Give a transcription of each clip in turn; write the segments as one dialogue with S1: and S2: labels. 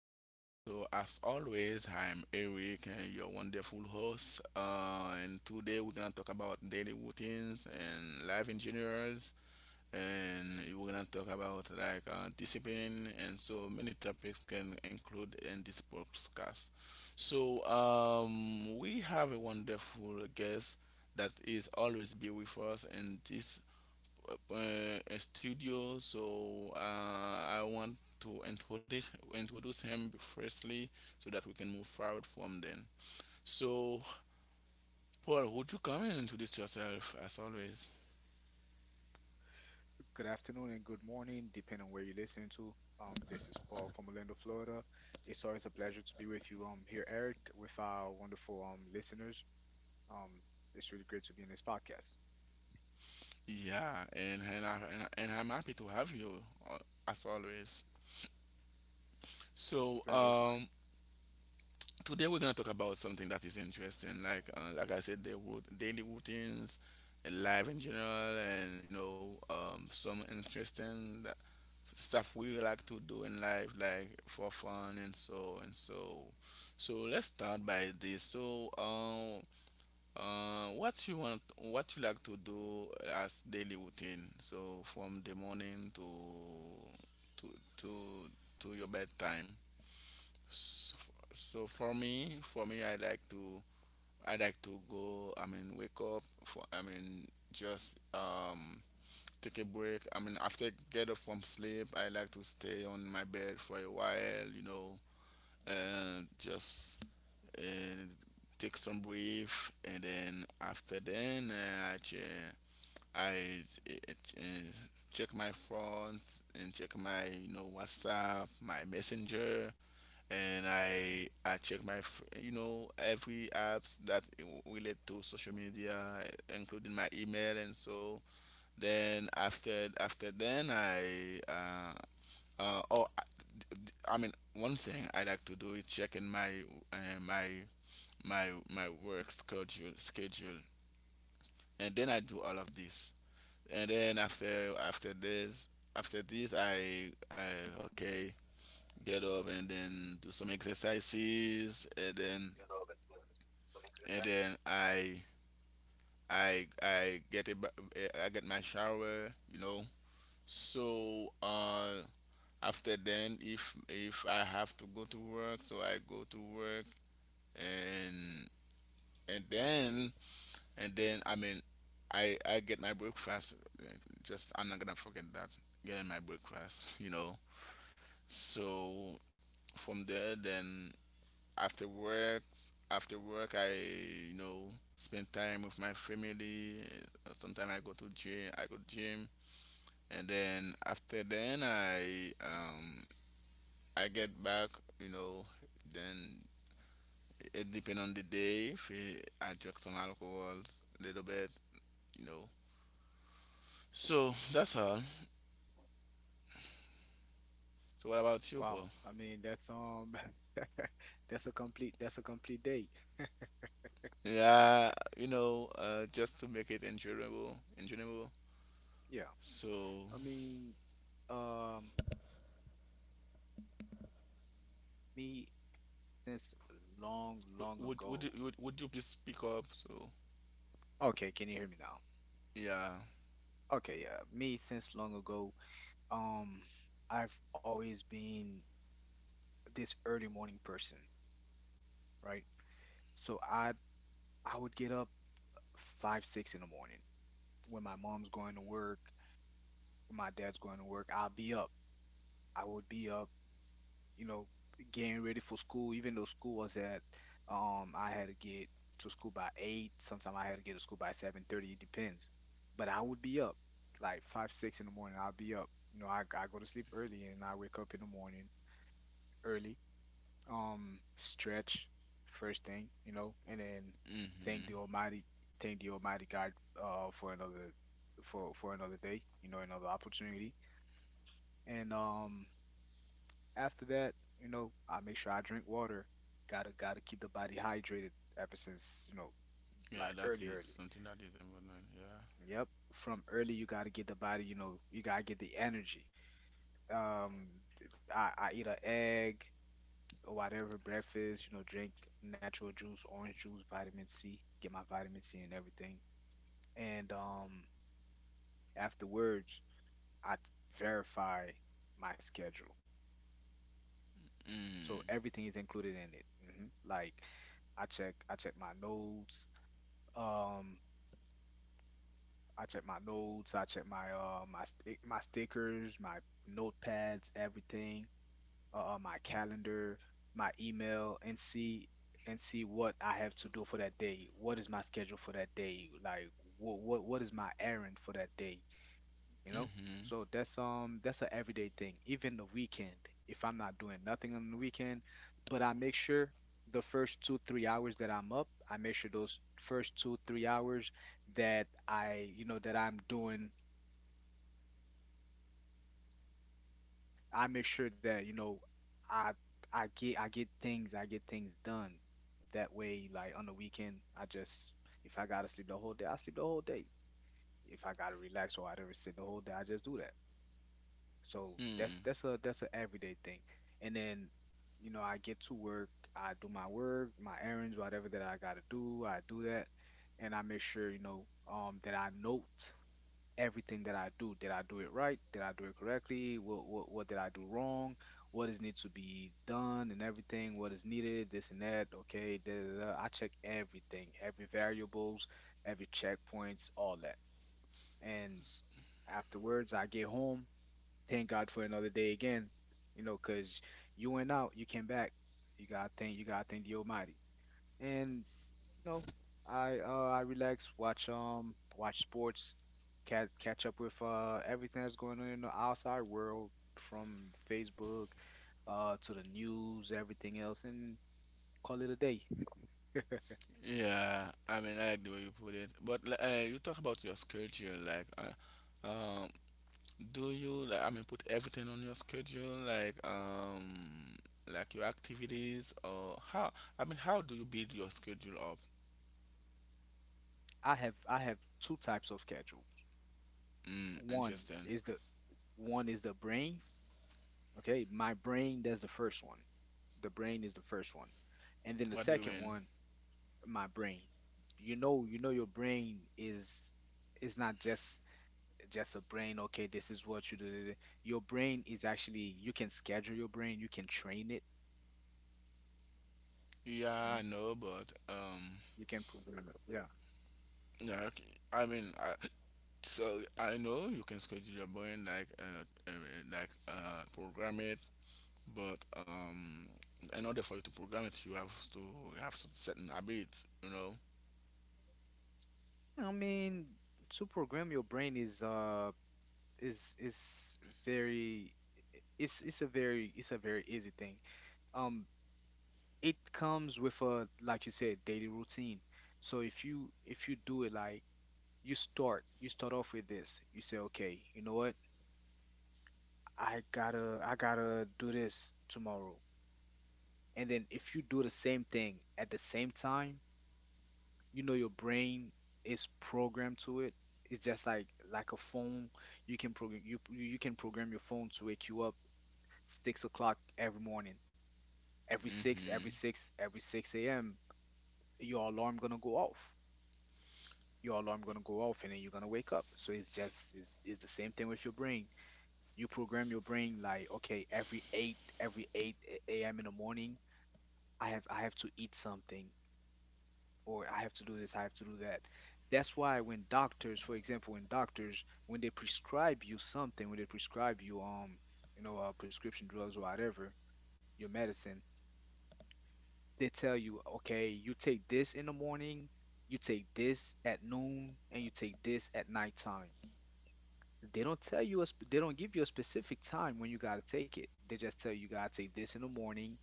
S1: podcast. So, as always, I'm Eric, your wonderful host. And today we're gonna talk about daily routines and life engineers, and we're gonna talk about like discipline and so many topics can include in this podcast. So, we have a wonderful guest that is always be with us in this uh, a studio, so I want to introduce him firstly, so that we can move forward from then. So, Paul, would you come and introduce yourself as always?
S2: Good afternoon and good morning, depending on where you're listening to. This is Paul from Orlando, Florida. It's always a pleasure to be with you here, Eric, with our wonderful listeners. Um, it's really great to be in this podcast.
S1: Yeah, and I'm happy to have you uh, as always. So,
S2: Pleasure is mine.
S1: today we're gonna talk about something that is interesting, like I said, daily routines, and life in general, and some interesting stuff we like to do in life, like for fun and so and so. So let's start by this. So, what you want, what you like to do as daily routine? So from the morning to to to your bedtime. So, so for me, I like to wake up. For I mean, just take a break. I mean, after I get up from sleep, I like to stay on my bed for a while, you know, and just uh, take some breath. And then after then, I, che- I uh, uh, check my phones and check my, you know, WhatsApp, my Messenger. And I check my, you know, every apps that relate to social media, including my email and so then after then uh oh I, I mean one thing I like to do is checking my uh, my my work schedule, and then I do all of this and then after this I get up and then do some exercises and then and then I I get I get my shower, you know. So after then, if I have to go to work, so I go to work, and and then and then I mean I get my breakfast. Uh, just I'm not gonna forget that, getting my breakfast, you know. So from there then, after work after work I, you know, spend time with my family. Sometimes I go to gym I go gym, and then after then I get back, you know, then it depend on the day. If it, I drink some alcohols a little bit, you know. So that's all. So what about you,
S2: Wow,
S1: Paul?
S2: I mean that's that's a complete day.
S1: Yeah, you know, just to make it enjoyable, enjoyable.
S2: Yeah.
S1: So
S2: I mean, um, me since long, long ago.
S1: would you please speak up? So
S2: Okay, can you hear me now?
S1: yeah,
S2: Okay, yeah, me since long ago. Um, I've always been this early morning person, right? So I would get up five, six in the morning when my mom's going to work, when my dad's going to work. I'll be up. I would be up, you know, getting ready for school. Even though school was at, I had to get to school by eight. Sometimes I had to get to school by 7:30. It depends. But I would be up like five, six in the morning. I'll be up. You know, I go to sleep early and I wake up in the morning early, stretch first thing, you know, and then thank the
S1: mm-hmm.
S2: Almighty thank the Almighty God for another, for another day, you know, another opportunity. And after that, you know, I make sure I drink water. Gotta keep the body hydrated ever since, you know, like,
S1: Yeah, that
S2: early,
S1: is
S2: early.
S1: something that is important. Yeah.
S2: Yep. From early you gotta get the body, you know, you gotta get the energy. Um I eat an egg, whatever breakfast, you know, drink natural juice, orange juice, vitamin C, get my vitamin C and everything. And afterwards, I t- verify my schedule. So
S1: Mm.
S2: everything is included in it. Like I check my notes. Um, I check my notes. I check my my stickers, my notepads, everything. My calendar, my email, and see what I have to do for that day. What is my schedule for that day? Like what is my errand for that day? You know?
S1: Mm-hmm.
S2: So that's an everyday thing. Even the weekend, if I'm not doing nothing on the weekend, but I make sure the first two, 3 hours that I'm up, I make sure those first two, 3 hours that I'm doing. I make sure that I I get things done. That way, like on the weekend, I just, if I gotta sleep the whole day, I sleep the whole day. If I gotta relax or I don't sit the whole day, I just do that. So
S1: Mm.
S2: that's an everyday thing. And then you know I get to work, I do my work, my errands, whatever that I gotta do, I do that, and I make sure you know that I note everything that I do. Did I do it right? Did I do it correctly? What did I do wrong? What is need to be done and everything? What is needed? This and that. Okay, da, da, da. I check everything, every variables, every checkpoints, all that. And afterwards, I get home. Thank God for another day again. You know, cause you went out, you came back. You gotta thank the Almighty. And no, I relax, watch watch sports, catch up with everything that's going on in the outside world, from Facebook to the news, everything else, and call it a day.
S1: Yeah, I mean, I like the way you put it. But you talk about your schedule, like, do you, like, I mean, put everything on your schedule, like your activities, or how? I mean, how do you build your schedule up?
S2: I have two types of schedule.
S1: Mm,
S2: One
S1: interesting.
S2: is the One is the brain. Okay, my brain, that's the first one. The brain is the first one. And then the
S1: What do you
S2: second
S1: mean?
S2: one, my brain. You know your brain is not just just a brain. Okay, this is what you do. Your brain is actually, you can schedule your brain, you can train it,
S1: Yeah,
S2: you
S1: I
S2: know,
S1: know, but
S2: you can program it. Yeah.
S1: yeah, okay. I mean, I, so I know you can schedule your brain like program it, but in order for you to program it, you have to set an habit, you know.
S2: I mean, to program your brain is very, it's a very it's a very easy thing. Um, it comes with a, like you said, daily routine. So if you, if you do it like, you start, you start off with this, you say okay, you know what? I gotta do this tomorrow. And then if you do the same thing at the same time, you know your brain is programmed to it. It's just Like a phone. You can program, you can program your phone to wake you up 6 o'clock every morning.
S1: Hmm.
S2: Every six a.m. your alarm gonna go off. Your alarm gonna go off, and then you're gonna wake up. So it's the same thing with your brain. You program your brain like okay, every eight a.m. in the morning, I have to eat something, or I have to do this, I have to do that. That's why when doctors, for example, when they prescribe you something, when they prescribe you, you know, prescription drugs or whatever, your medicine, they tell you, okay, you take this in the morning, you take this at noon, and you take this at nighttime. They don't tell you they don't give you a specific time when you gotta take it. They just tell you you gotta take this in the morning,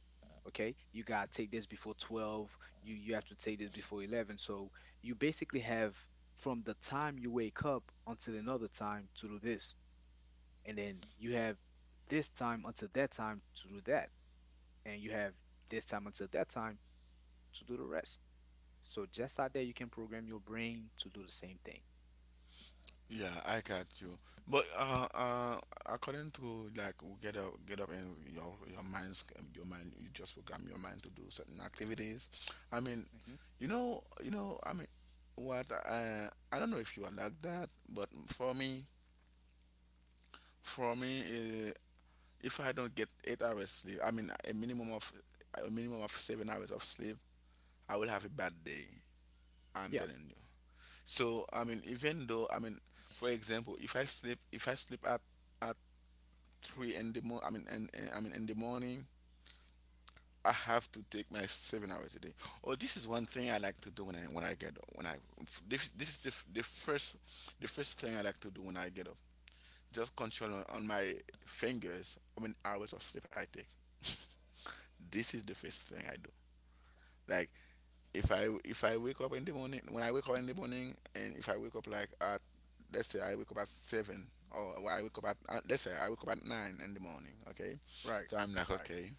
S2: okay? You gotta take this before 12. You have to take this before 11. So you basically have from the time you wake up until another time to do this, and then you have this time until that time to do that, and you have this time until that time to do the rest. So just out there, you can program your brain to do the same thing.
S1: Yeah, I got you. But according to like we get up and your mind, you just program your mind to do certain activities. i mean
S2: hmm
S1: you know you know i mean what I don't know if you are like that, but for me, if I don't get 8 hours sleep, I mean a minimum of 7 hours of sleep, I will have a bad day. I'm
S2: Yeah,
S1: telling you. So I mean, even though I mean, for example, if I sleep at at three in the morning, I mean, I mean in the morning, I have to take my 7 hours a day. Oh, this is one thing I like to do when I get up. When I This is the first thing I like to do when I get up. Just control on my fingers. I mean, hours of sleep I take. This is the first thing I do. Like if I wake up in the morning, when I wake up in the morning, and if I wake up like at, let's say I wake up at seven, or I wake up at let's say I wake up at nine in the morning. Okay,
S2: right,
S1: so I'm like,
S2: right.
S1: okay,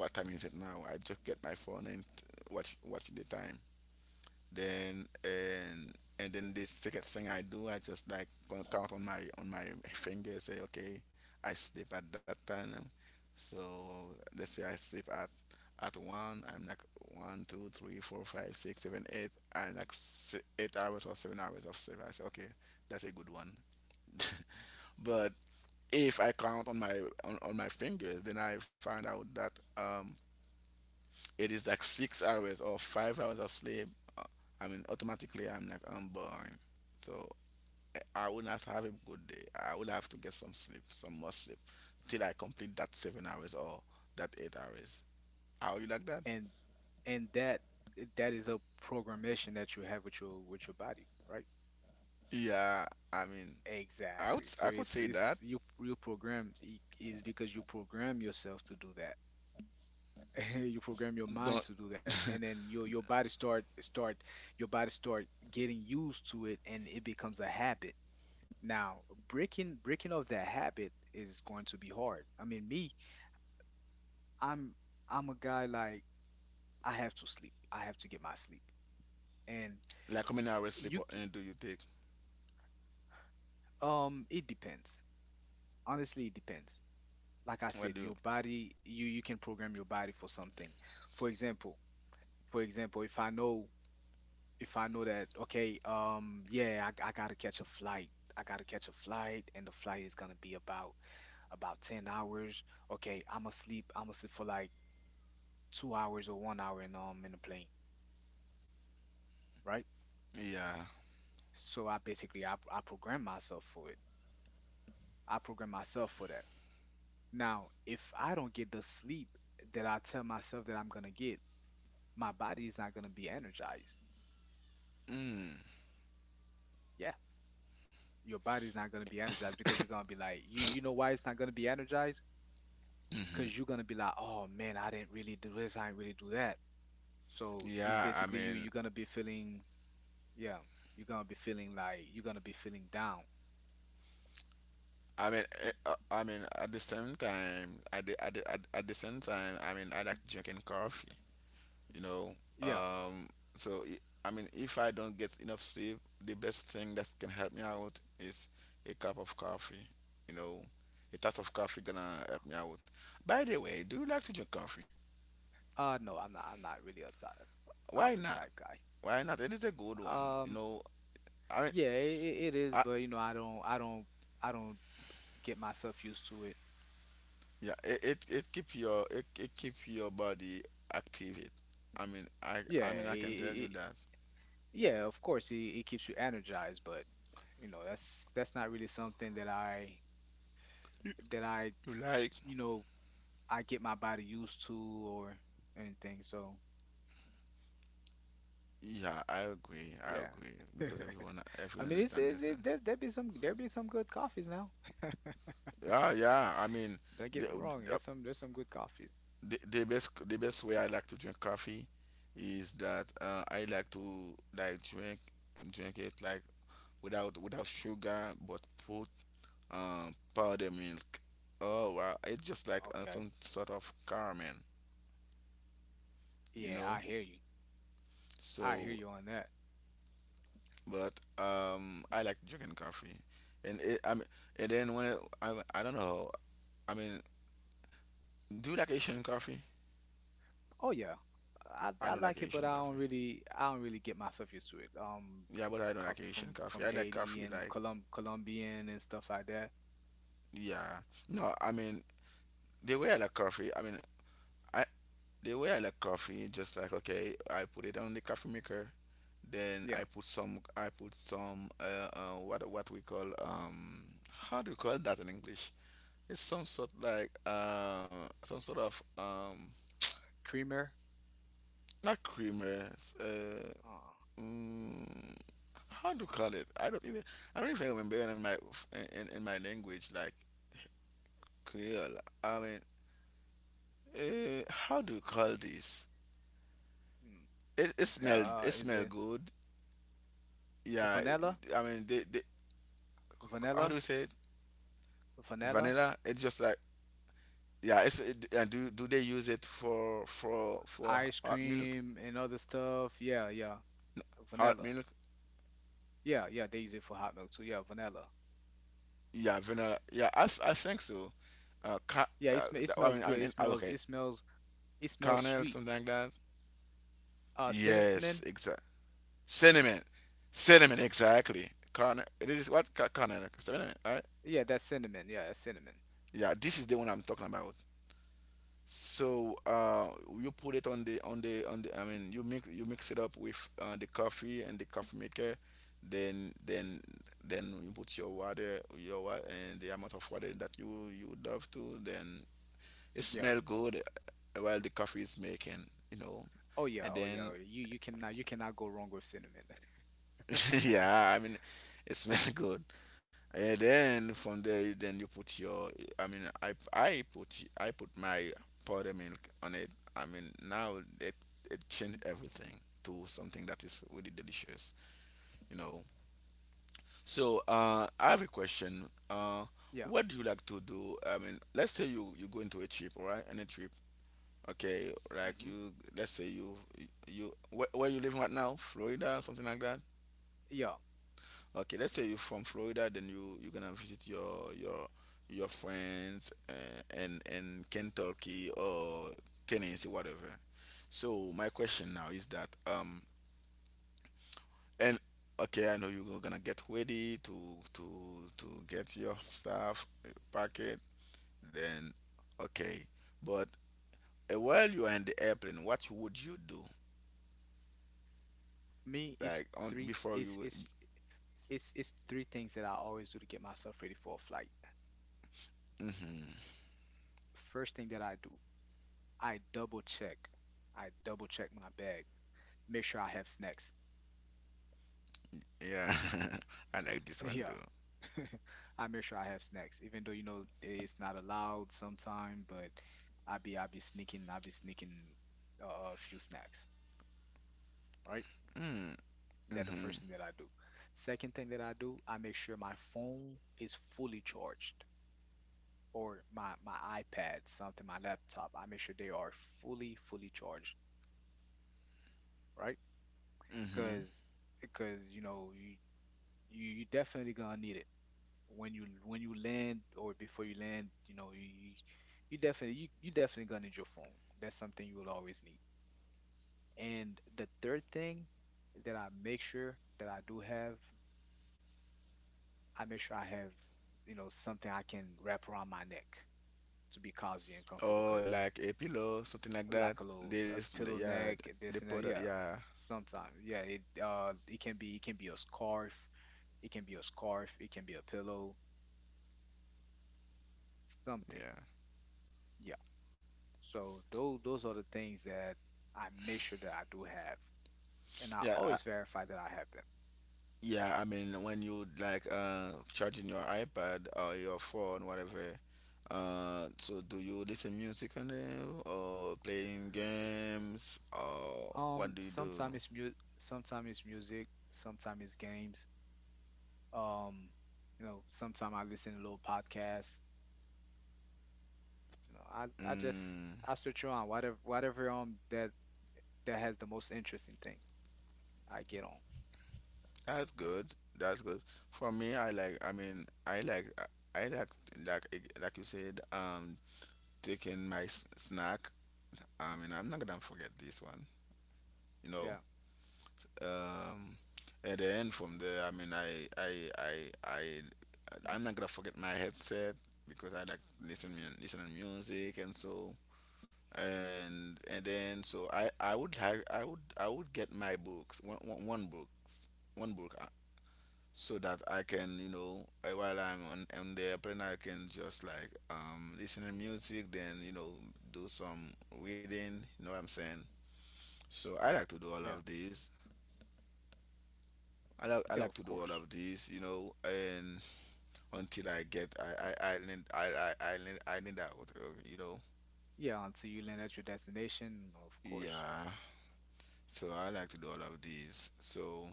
S1: what time is it now? I just get my phone and watch the time. Then and then the second thing I do, I just like going count on my finger, say okay, I sleep at that time. So let's say I sleep at one, I'm like one, two, three, four, five, six, seven, eight, four, five, six, seven, eight. I'm like 8 hours or 7 hours of sleep. I say okay, that's a good one. But if I count on on my fingers, then I find out that it is like 6 hours or 5 hours of sleep, uh, I mean, automatically I'm like, I'm boring. So I will not have a good day. I will have to get some sleep, some more sleep, till I complete that 7 hours or that 8 hours. Are you like that?
S2: and and that, that is a programmation that you have with your, with your body, right?
S1: Yeah, I mean,
S2: Exactly, so
S1: I could
S2: it's
S1: say that.
S2: it's you, you program, is because you program yourself to do that. You program your mind
S1: Don't
S2: to do that, and then your body start start your body start getting used to it, and it becomes a habit. Now, breaking off that habit is going to be hard. I mean, me, i'm I'm a guy like, I have to get my sleep, and
S1: like how many hours
S2: you
S1: sleep or, do you take?
S2: It depends. Honestly, it depends. Like I said,
S1: What do?
S2: your body, you can program your body for something. For example, if I know, if I know that okay, yeah, I gotta catch a flight. I gotta catch a flight, and the flight is gonna be about 10 hours. Okay, I'm asleep for like 2 hours or 1 hour in the plane, right?
S1: Yeah.
S2: So I basically I program myself for it. I program myself for that. Now, if I don't get the sleep that I tell myself that I'm gonna get, my body is not gonna be energized.
S1: Mm.
S2: Yeah, your body's not gonna be energized because you're gonna be like, you know why it's not gonna be energized? Because
S1: Hmm.
S2: you're gonna be like, oh man, I didn't really do this, I didn't really do that. So it's
S1: Yeah, I
S2: basically
S1: mean,
S2: you're gonna be feeling, yeah, you're gonna be feeling like, you're gonna be feeling down.
S1: I mean, at the same time, at the same time, I mean, I like drinking coffee, you know.
S2: Yeah.
S1: Um, so i- I mean, if I don't get enough sleep, the best thing that can help me out is a cup of coffee, you know. A tass of coffee gonna help me out. By the way, do you like to drink coffee?
S2: No, I'm not really a
S1: Why
S2: coffee
S1: not?
S2: type guy.
S1: Why not? It is a good one, you
S2: Um,
S1: know. I mean,
S2: yeah, it is,
S1: I,
S2: but you know, I don't get myself used to it.
S1: yeah, it keep it keep your body active. I mean,
S2: Yeah,
S1: I can tell you
S2: I
S1: that.
S2: yeah, of course, it keeps you energized, but you know, that's not really something that I,
S1: You, like.
S2: you know, I get my body used to or anything. So
S1: Yeah, I agree. I
S2: yeah,
S1: agree because everyone,
S2: I
S1: everyone
S2: mean,
S1: is not
S2: it's
S1: listening.
S2: there, there be some good coffees now.
S1: Yeah, yeah.
S2: Don't
S1: The
S2: get me wrong, there's some, there's some good coffees.
S1: the, the best way I like to drink coffee is that I like to drink it like without sugar, but put powder milk. Oh wow, it's just like
S2: Okay,
S1: some sort of caramel, you
S2: yeah,
S1: know.
S2: I hear you. I hear
S1: So,
S2: you on that.
S1: but I like drinking coffee, and I mean, and then when I don't know, I mean, do you like Asian coffee?
S2: Oh yeah,
S1: I
S2: I
S1: don't like
S2: like it, but
S1: Asian coffee.
S2: I don't really get myself used to it.
S1: Yeah, but I don't like
S2: Coffee
S1: Asian
S2: from
S1: coffee.
S2: from
S1: I like
S2: Haiti
S1: coffee
S2: and
S1: like,
S2: Colum Colombian and stuff like that.
S1: yeah. No, I mean the way I like coffee. I mean, I the way I like coffee, just like okay, I put it on the coffee maker, then
S2: Yeah,
S1: I put some, what we call how do you call that in English? It's some sort like some sort of
S2: creamer.
S1: not creamer, it's,
S2: Uh,
S1: mm, how to call it? I don't even remember in in my language like Creole. I mean, how do you call this? It
S2: is
S1: smell
S2: it
S1: good. Yeah,
S2: vanilla?
S1: I mean they, how do
S2: Vanilla?
S1: you say it?
S2: Vanilla?
S1: Vanilla. It's just like, yeah. It's it, and do do they use it for
S2: Ice
S1: hot milk?
S2: cream and other stuff. Yeah, yeah,
S1: Hot
S2: vanilla.
S1: milk?
S2: Yeah, yeah. They use it for hot milk too. Yeah, vanilla.
S1: Yeah, vanilla. Yeah, I, I think so.
S2: Yeah, it sm it
S1: I
S2: smells
S1: mean
S2: good. It
S1: in,
S2: smells
S1: okay,
S2: it smells it smells
S1: caramel
S2: sweet.
S1: something like that.
S2: Cinnamon.
S1: Yes, exact. Cinnamon, cinnamon, exactly. It is what? Sentiment, right?
S2: Yeah, that's cinnamon. Yeah, that's cinnamon.
S1: Yeah, this is the one I'm talking about. So you put it on the on the on the. I mean, you mix it up with the coffee and the coffee maker. Then then then you put your water, and the amount of water that you would love to. Then it
S2: Yeah.
S1: smell good while the coffee is making, you know.
S2: Oh yeah,
S1: And
S2: oh yeah.
S1: then
S2: You cannot, you cannot go wrong with cinnamon.
S1: yeah, I mean, it smells good. And then from there, then you put your. I mean, I put my powder milk on it. I mean, now it changed everything to something that is really delicious. You know. So I have a question.
S2: Yeah.
S1: What do you like to do? I mean, let's say you you go into a trip, all right? Any trip, okay? Like
S2: hmm
S1: you, let's say you you where you living right now? Florida, something like that.
S2: Yeah.
S1: Okay, let's say you're from Florida, then you're gonna visit your friends, and Kentucky or Tennessee, whatever. So my question now is that, and okay, I know you're gonna get ready to to get your stuff, pack it, then okay. But while you are in the airplane, what would you do?
S2: Me it's
S1: Like on
S2: three
S1: before you,
S2: It's three things that I always do to get myself ready for a flight.
S1: hmm,
S2: First thing that I do, I double check. I double check my bag. Make sure I have snacks.
S1: yeah. I like this one
S2: Yeah.
S1: too.
S2: I make sure I have snacks, even though it's not allowed sometime, but I be sneaking a few snacks, right?
S1: Mm,
S2: That the
S1: hmm,
S2: first thing that I do. Second thing that I do, I make sure my phone is fully charged or my iPad, something, my laptop. I make sure they are fully, fully charged, right?
S1: hmm,
S2: Because because you definitely gonna need it when you land or before you land. You definitely gonna need your phone. That's something you will always need. And the third thing that I make sure that I do have, I make sure I have, something I can wrap around my neck to be cozy and comfortable.
S1: or
S2: Because
S1: like a pillow, something like that.
S2: like a little a
S1: This,
S2: pillow
S1: yeah,
S2: neck,
S1: they
S2: this and
S1: put, a,
S2: that. Yeah,
S1: yeah,
S2: sometimes. Yeah, it can be a scarf. It can be a scarf. It can be a pillow. Something.
S1: yeah,
S2: Yeah. So those are the things that I make sure that I do have, and I
S1: yeah, I,
S2: always verify that I have them.
S1: yeah. I mean, when you, like, charging your iPad or your phone, whatever. So do you listen music on it or playing games or what
S2: Um,
S1: do you do?
S2: sometimes it's mu Sometimes it's music, sometimes it's games. Um, sometimes I listen to little podcasts. You know, I I just
S1: Mm.
S2: I switch on whatever that that has the most interesting thing I get on.
S1: That's good. That's good. For me, I like. I mean, I like. I like, like you said. Taking my snack, I mean, I'm not gonna forget this one. You
S2: Yeah,
S1: know, um, at the end from there, I mean, I, I'm not gonna forget my headset because I like listen listening music and so, and then, so I would have, I would, I would get my books, one books, one book, so that I can, while I'm on the airplane, I can just like, listen to music, then, do some reading, you know what I'm saying. So I like to do all
S2: yeah,
S1: of this. I like I
S2: yeah.
S1: like
S2: Of
S1: to do all
S2: course.
S1: of this, you know, and until I get, I learn, I learn, I learn that, what, you know.
S2: Yeah, until you land at your destination, of course.
S1: Yeah. So I like to do all of these. So,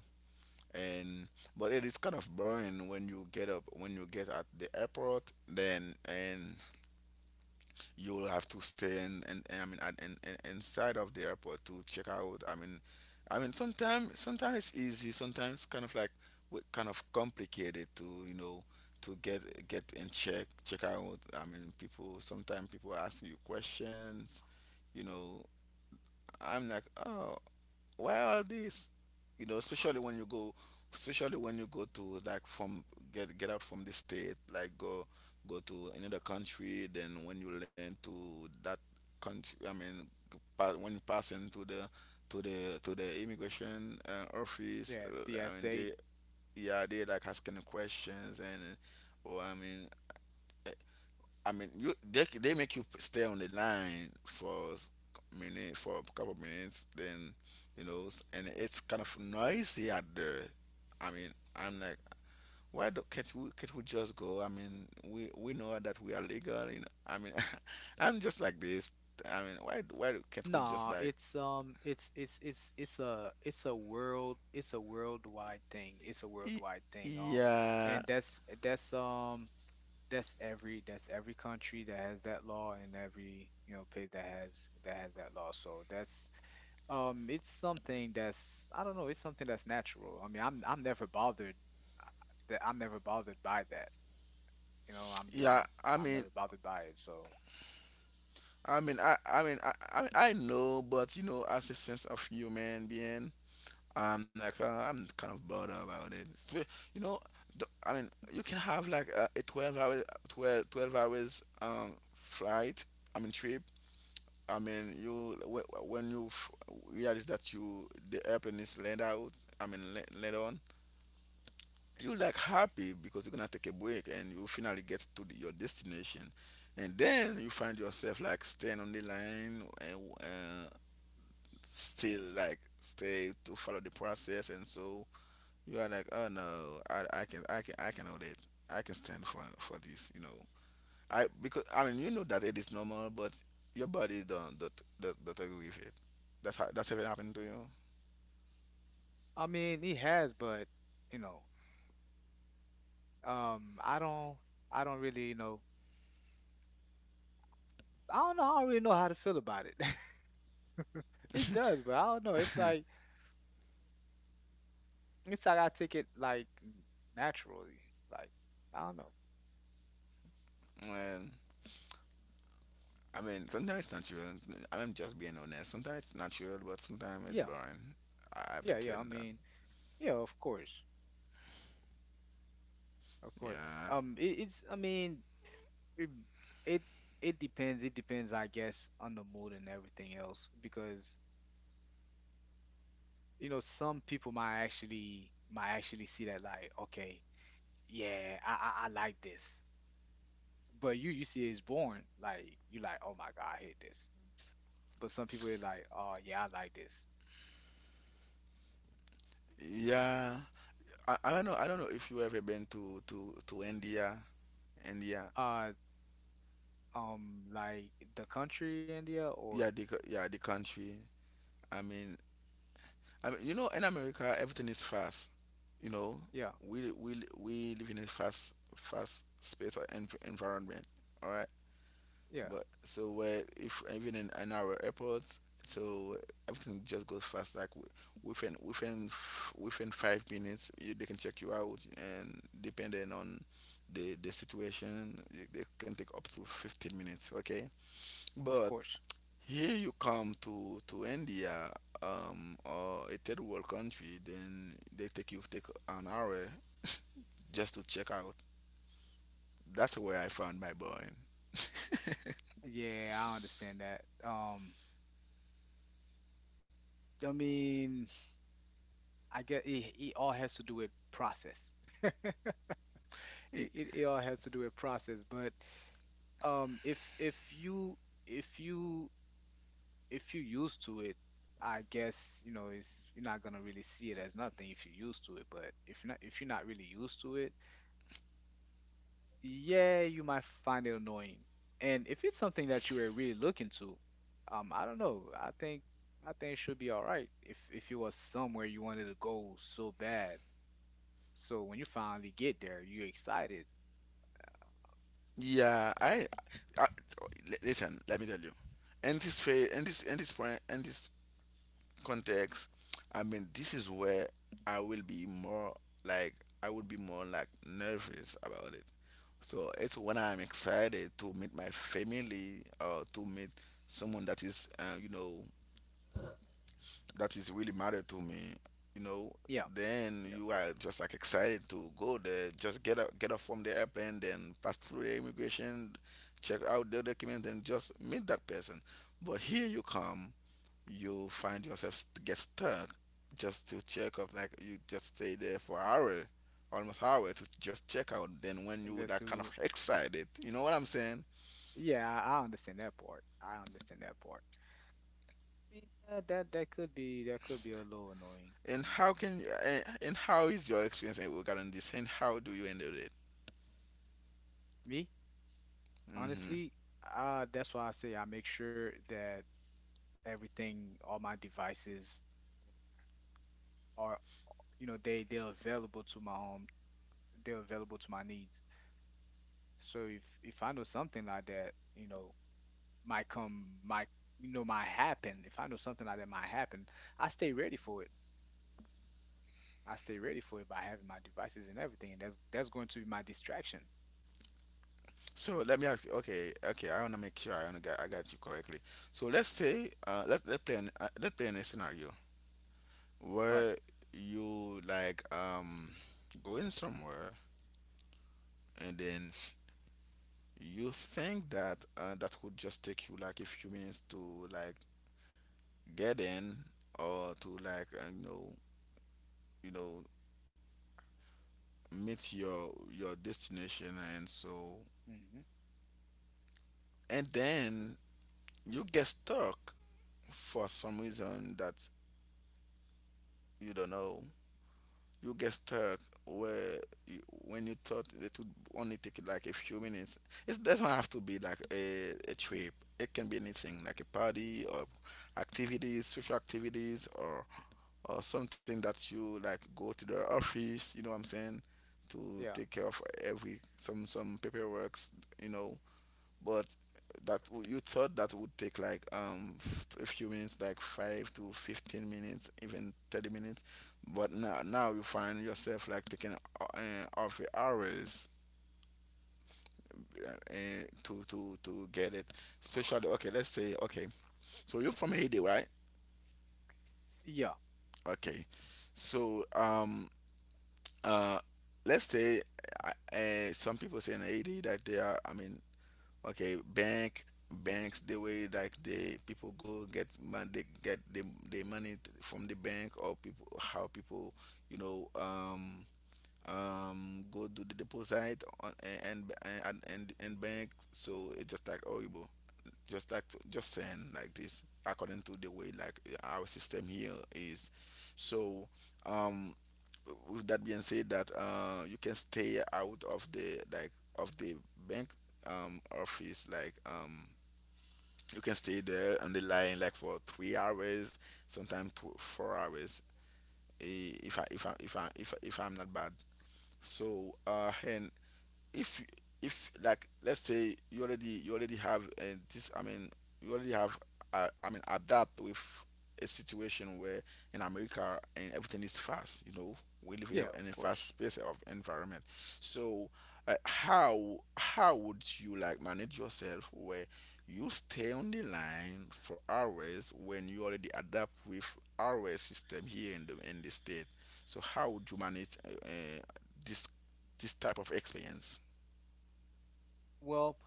S1: and but it is kind of boring when you get up, when you get at the airport, then, and you will have to stay in, and, I mean, at, inside of the airport to check out. I mean, I mean, sometimes it's easy, sometimes kind of like, kind of complicated to, you know, to get in, check out. I mean, people sometimes people ask you questions. You know, I'm like, oh, why all this? You know, especially when you go, to, like, from get out from the state, like go to another country. Then when you learn to that country, I mean, when you pass into the, to the immigration office,
S2: Yeah, the
S1: I mean,
S2: essay.
S1: they, yeah, they like asking questions and. Well, I mean, you, they make you stay on the line for s- minute for a couple of minutes, then, you know, and it's kind of noisy out there. I mean, I'm like, why do, can't we just go? I mean, we know that we are legal. You know, I mean, I'm just like this. I mean, why can't we just
S2: Nah,
S1: like,
S2: it's a world it's a worldwide thing. It's a
S1: "Y-
S2: worldwide thing.
S1: yeah,
S2: And that's every country that has that law and every you know place that has that has that law. So that's it's something that's I don't know, it's something that's natural. I mean, I'm never bothered that I'm never bothered by that. You know,
S1: yeah? I
S2: I'm never
S1: mean.
S2: bothered by it. So
S1: I mean, I mean, I know, but you know, as a sense of human being, I'm like, I'm kind of bored about it. It's you know, the, I mean, you can have like, a 12 hour, twelve hours, flight. I mean, trip. I mean, you, when you, realize that you, the airplane is land out. I mean, land on. You like happy because you're gonna take a break and you finally get to the, your destination, and then you find yourself like staying on the line, and, still like stay to follow the process, and so you are like, oh no, I can hold it. I can stand for this. You know, I, because, I mean, you know that it is normal, but your body don't agree with it. That's how, that's ever happened to you.
S2: I mean, he has, but you know, um, I don't I don't really you know I don't really know how to feel about it. he does, but I don't know. It's like I take it like n- naturally. Like I don't know.
S1: Well, I mean, sometimes it's natural. I'm just being honest. Sometimes it's natural, but sometimes it's
S2: Yeah,
S1: boring. I have to
S2: yeah, yeah.
S1: tell
S2: I
S1: that.
S2: mean, yeah, of course, of course.
S1: Yeah,
S2: It, it's I mean, It it it depends. It depends, I guess, on the mood and everything else. Because some people might actually see that like, okay, yeah, I like this. But you see it's born. Like you like, oh my God, I hate this. But some people are like, oh yeah, I like this.
S1: yeah. I don't know. I don't know if you ever been to to India, India.
S2: Uh like the country India or
S1: Yeah, the yeah, the country. I mean, you know, in America, everything is fast. You know,
S2: yeah,
S1: we live in a fast space or environment. All right,
S2: yeah,
S1: but so where, if even in, our airports, so everything just goes fast. Like within 5 minutes, you, they can check you out, and depending on the situation, they can take up to 15 minutes. Okay,
S2: of
S1: but
S2: course.
S1: here you come to India, or a third world country, then they take, you take an hour just to check out. That's where I found my boy.
S2: Yeah, I understand that. Um, I mean, I guess it it all has to do with process. it,
S1: Y-
S2: it, it all has to do with process, but um, if you if you used to it, I guess it's you're not gonna really see it as nothing if you're used to it. But if not, if you're not really used to it, yeah, you might find it annoying. And if it's something that you were really looking to, um, I don't know, I think it should be all right. If it was somewhere you wanted to go so bad, so when you finally get there you're excited.
S1: Yeah, I- listen. Let me tell you, in this phase, in this point, in this context, I mean, this is where I will be more like, I would be more like nervous about it. So it's when I'm excited to meet my family or to meet someone that is, you know, that is really matter to me. You know,
S2: Yeah,
S1: then
S2: yeah.
S1: you are just like excited to go there. Just get up from the airplane, then pass through the immigration, check out the document, then just meet that person. But here you come, you find yourself, get stuck just to check up, like you just stay there for hour, almost hour to just check out, then, when
S2: And
S1: you,
S2: that's
S1: that kind of
S2: who.
S1: excited, you know what I'm saying.
S2: Yeah, I understand that part. I understand that part. I mean, yeah, that that could be, that could be a little annoying.
S1: And
S2: Mm.
S1: how can you, and how is your experience, regarding this, and how do you handle it?
S2: Me,
S1: hmm
S2: honestly, that's why I say I make sure that everything, all my devices are, they they're available to my home. They're available to my needs. So if I know something like that, might come, might, might happen. If I know something like that might happen, I stay ready for it. I stay ready for it by having my devices and everything, and that's going to be my distraction,
S1: so let me ask you. Okay, I want to make sure. I wanna get, I got you correctly. So let's say, let, let play an, let play in a scenario
S2: right?
S1: where you, like, going somewhere, and then you think that, that would just take you like a few minutes to, like, get in, or to like, you know meet your destination and so,
S2: hmm
S1: and then you get stuck for some reason that you don't know. You get stuck where you, when you thought it would only take like a few minutes. It doesn't have to be like, a trip. It can be anything like a party or activities, social activities, or something that you, like, go to the office. You know what I'm saying? To
S2: Yeah,
S1: take care of every, some paperwork. You know, but that, you thought that would take like, a few minutes, like 5 to 15 minutes, even 30 minutes, but now you find yourself like taking, off your hours, to to get it. Especially, okay, let's say, okay, so you're from Haiti, right?
S2: yeah,
S1: Okay, so, uh let's say, some people say in Haiti that they are, I mean, okay, banks, the way like they, people go get man, they get the money, from the bank, or people, how people, you know, go do the deposit on, and, and bank, so it's just like horrible, just like just saying like this, according to the way like our system here is. So, um with that being said, that, you can stay out of the, like, of the bank, office, like, you can stay there on the line like for 3 hours, sometimes 2 4 hours, if I, if I'm not bad. So, and, if, like let's say you already, have, this, I mean, you already have, I mean, adapt with a situation where, in America and everything is fast, you know, we
S2: yeah,
S1: live in
S2: of
S1: a fast
S2: course.
S1: space of environment. So, how would you like manage yourself where you stay on the line for hours when you already adapt with our system here in the state? So how would you manage, this, type of experience?
S2: Well,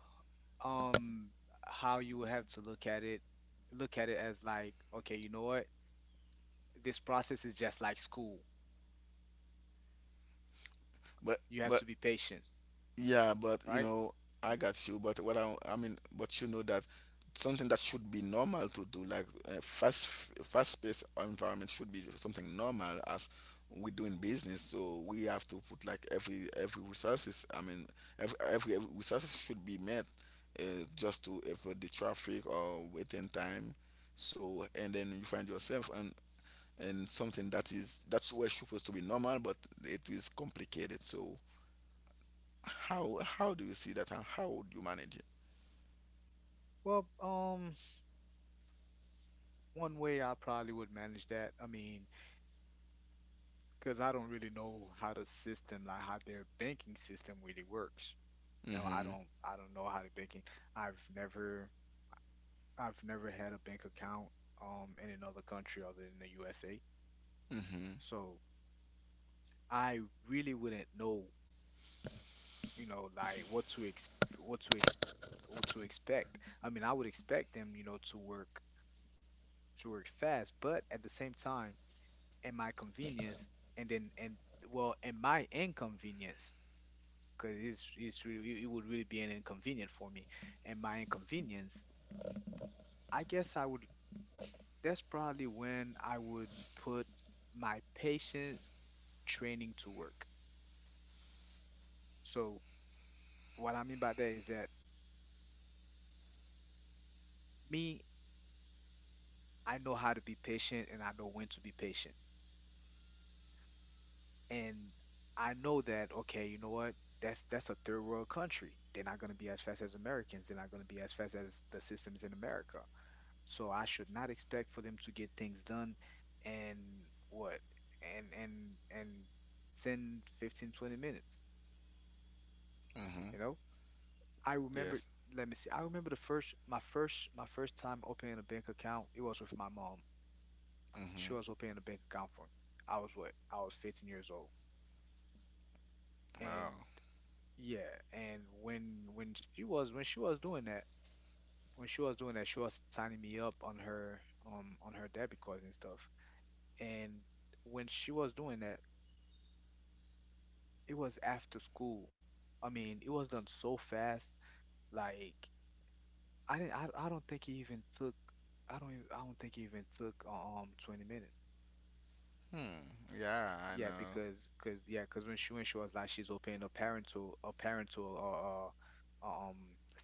S2: um, how you would have to look at it as like, okay, you know what? This process is just like school. You have
S1: But
S2: to be patient,
S1: yeah, but you
S2: right?
S1: know, I got you. But what I mean, but you know that something that should be normal to do, like, fast, paced environment, should be something normal as we do in business. So we have to put like, every resources. I mean, every resources should be met, just to avoid the traffic or waiting time. So, and then you find yourself, and, something that is, that's where supposed to be normal, but it is complicated. So, how do you see that, and how would you manage it?
S2: Well, one way I probably would manage that, I mean, because I don't really know how the system, like how their banking system really works.
S1: Mm-hmm.
S2: I don't know how the banking. I've never I've never had a bank account in another country other than the USA.
S1: Mm-hmm.
S2: So I really wouldn't know, you know, like what to ex what to expect. I mean, I would expect them, you know, to work, to work fast, but at the same time, in my convenience, and then and well, in my inconvenience, because it's really it would really be an inconvenient for me. And my inconvenience, I guess I would, that's probably when I would put my patience training to work. So what I mean by that is that me, I know how to be patient and I know when to be patient. And I know that, okay, you know what? That's a third world country. They're not gonna be as fast as Americans. They're not gonna be as fast as the systems in America. So I should not expect for them to get things done and what and and and 10, 15, 20 minutes,
S1: Mm-hmm.
S2: you know? I remember,
S1: Yes.
S2: let me see. I remember the first my first time opening a bank account. It was with my mom.
S1: Mm-hmm.
S2: She was opening a bank account for me. I was what? I was 15 years old. And
S1: Wow.
S2: yeah, and when she was doing that, she was signing me up on her um, on her debit card and stuff. And when she was doing that, it was after school. I mean, it was done so fast. Like I didn't. I don't think it even took. I don't. Even, I don't think it even took 20 minutes.
S1: Hmm. Yeah, I
S2: Yeah,
S1: know.
S2: because, cause yeah, cause when she was like she's opening a parental, a parental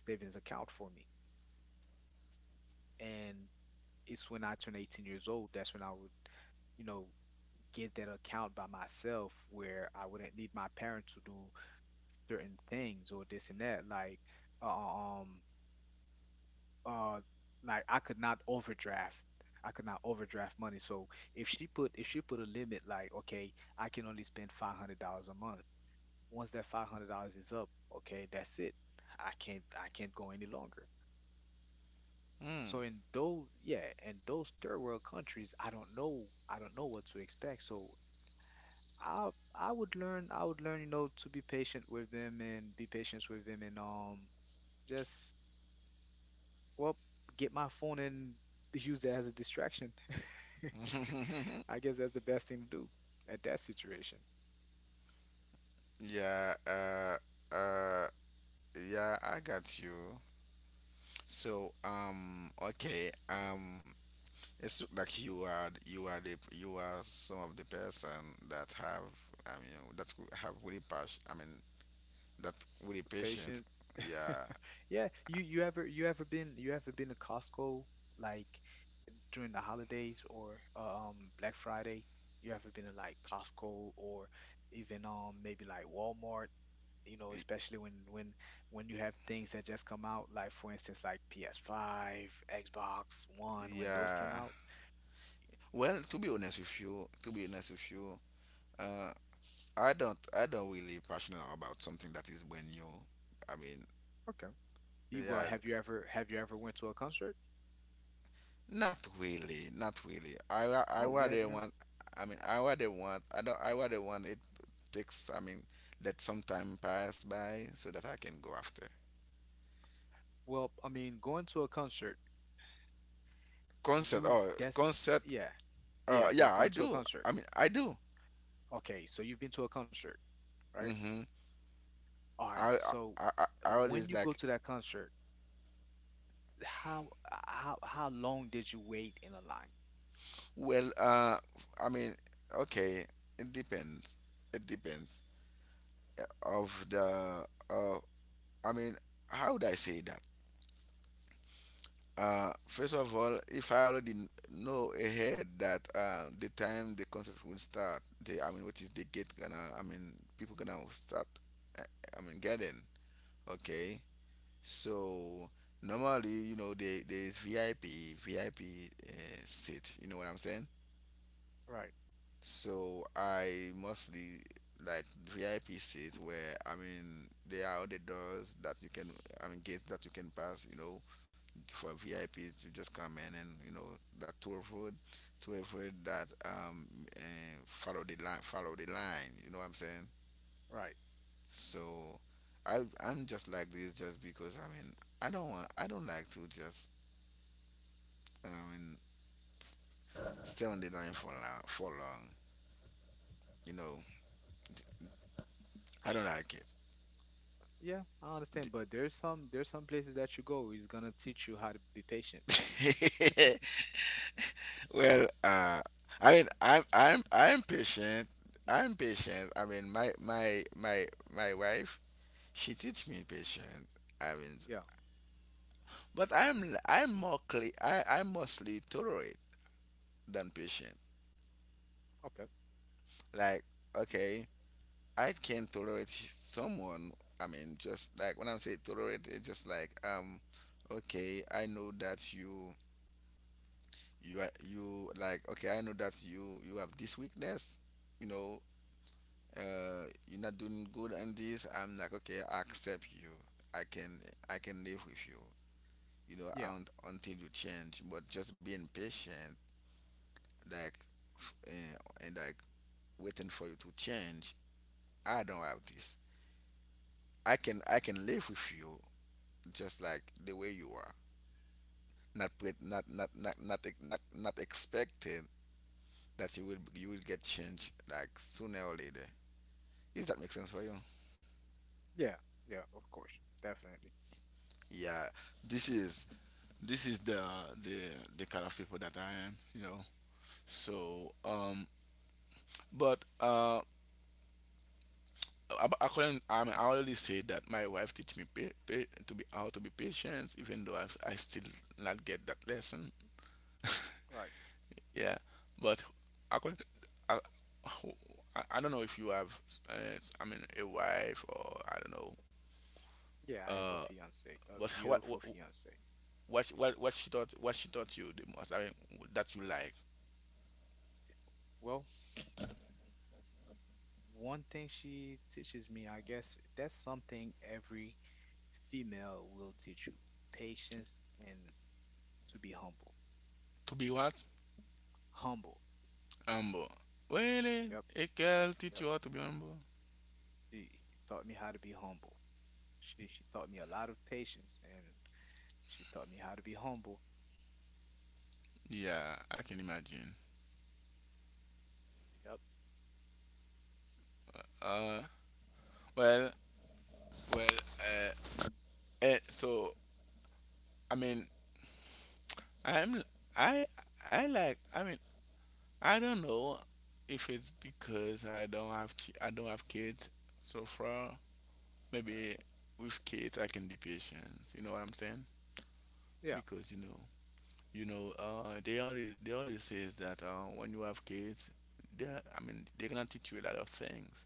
S2: savings account for me, and it's when I turned 18 years old, that's when I would, you know, get that account by myself where I wouldn't need my parents to do certain things or this and that. Like uh, uh, um uh like I could not overdraft. I could not overdraft money. So if she put a limit like okay, I can only spend $500 a month. Once that $500 is up, okay, that's it. I can't go any longer. So in those, yeah, in those third world countries, I don't know, I don't know what to expect. So I would learn, you know, to be patient with them and be patient with them and, um, just, well, get my phone and use that as a distraction.
S1: Hmm.
S2: I guess that's the best thing to do at that situation.
S1: Yeah. Uh. Yeah, I got you. So, okay. It's look like you are some of the person that have that could have really passion. I mean that really patient.
S2: Patient.
S1: Yeah.
S2: Yeah, you ever been you ever been to Costco like during the holidays or, um, Black Friday? You ever been to like Costco or even maybe like Walmart, you know,
S1: Y-
S2: especially when you have things that just come out, like for instance like PS5, Xbox One, when those
S1: Yeah.
S2: came out.
S1: Well, to be honest with you, uh, I don't really passionate about something that is brand new. I mean,
S2: Okay. You, well,
S1: yeah,
S2: have you ever went to a concert?
S1: not really. I
S2: Oh, you have
S1: rather
S2: never.
S1: want, I mean, I rather want, I don't, I rather want it takes, I mean, let some time pass by so that I can go after
S2: Well, I mean, going to a concert.
S1: concert.
S2: You
S1: Oh,
S2: that's,
S1: concert.
S2: yeah. Yeah, they're
S1: Yeah, I
S2: going to a
S1: do.
S2: concert.
S1: I mean, I do.
S2: Okay, so you've been to a concert, right?
S1: Hmm.
S2: All right.
S1: I,
S2: So
S1: I
S2: when you
S1: always
S2: go to
S1: like.
S2: that concert, how how long did you wait in a line?
S1: Well, I mean, okay, it depends. It depends of the. Uh, I mean, how would I say that? First of all, if I already know ahead that the time the concert will start, the I mean, what is the gate gonna? I mean, people gonna start. uh, I mean, getting okay. So normally, you know, there is VIP seat. You know what I'm saying?
S2: Right,
S1: So I mostly like VIP seats where I mean there are other doors that you can I mean gates that you can pass, you know, for VIPs you just come in and you know that tour food to avoid that and follow the line, you know what I'm saying?
S2: right.
S1: So I'm just like this just because I mean I don't want I don't like to just I mean s- stay on the line for long, you know. I don't like
S2: Yeah, I understand, but there's some, there's some places that you go is gonna teach you how to be patient.
S1: it. Well, I mean, I'm I'm patient. I'm patient. I mean, my my wife, she teach me patience. I mean,
S2: Yeah.
S1: but I'm more cle I'm mostly tolerate than patient.
S2: Okay.
S1: Like, okay, I can tolerate someone. I mean, just like when I'm saying tolerate, it's just like okay, I know that you are you like okay, I know that you have this weakness. You know, you're not doing good on this. I'm like okay, I accept you, i can I can live with you, you know,
S2: Yeah.
S1: un until you change. But just being patient, like and like waiting for you to change, I don't have this. I can, I can live with you just like the way you are, not not expecting that you will get changed like sooner or later. Does that make sense for you?
S2: Yeah. Yeah. Of course. Definitely.
S1: Yeah, this is this is the the kind of people that I am, you know. So, but I couldn't. I mean, I already said that my wife teach me to be how to be patient, even though I. I still not get that lesson.
S2: Right.
S1: Yeah, but I couldn't. I, I, I don't know if you have, uh, I mean, a wife or I don't know.
S2: Yeah. I have a
S1: Uh,
S2: fiance, a
S1: but what what
S2: beautiful fiance.
S1: what what what she taught you the most? I mean, that you like.
S2: Well, one thing she teaches me, I guess, that's something every female will teach you, patience and to be humble.
S1: To be what?
S2: Humble.
S1: Humble. Really?
S2: Yep,
S1: A girl teach
S2: yep.
S1: you how to be humble?
S2: She taught me how to be humble. She taught me a lot of patience and she taught me how to be humble.
S1: Yeah, I can imagine.
S2: Yep.
S1: Uh, well, well, uh, so I mean, I'm, I, I like, I mean, I don't know if it's because I don't have, I don't have kids so far. Maybe with kids I can be patient. You know what I'm saying?
S2: Yeah.
S1: Because you know, they always says that when you have kids, I mean, they're gonna teach you a lot of things.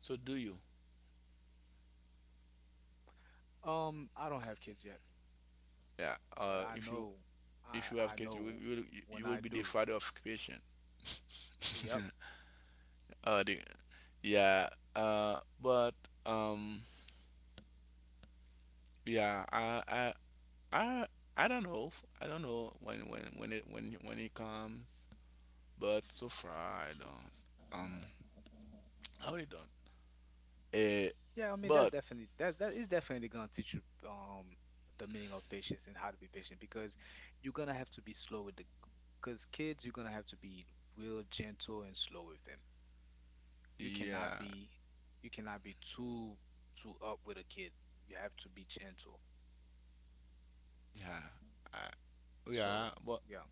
S1: So do you?
S2: I don't have kids yet,
S1: Yeah.
S2: but I know,
S1: If you
S2: I
S1: have kids,
S2: know when
S1: you
S2: I
S1: will be the
S2: do.
S1: father of creation.
S2: Yep.
S1: uh, the, yeah. But um, yeah. I I don't know. I don't know when it comes. But so far, I don't. Um, I really don't. Uh,
S2: Yeah, I mean that's
S1: but
S2: definitely, that that is definitely gonna teach you um the meaning of patience and how to be patient because you're gonna have to be slow with the, because kids, you're gonna have to be real gentle and slow with them. You cannot
S1: yeah,
S2: be, you cannot be too, too up with a kid. You have to be gentle.
S1: yeah, I, yeah.
S2: So
S1: But
S2: yeah,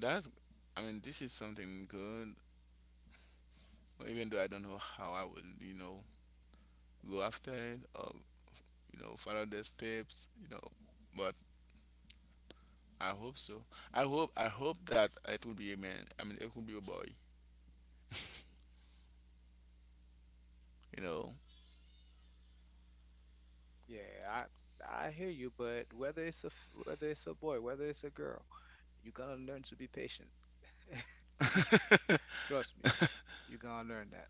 S1: that's. I mean, this is something good. Even though I don't know how I will, you know, go after it or you know follow the steps, you know, but I hope so. I hope that it will be a man, I mean, it will be a boy, you know.
S2: yeah, I I hear you, but whether it's a boy, whether it's a girl, you're gonna learn to be patient. Trust me, you're gonna learn that.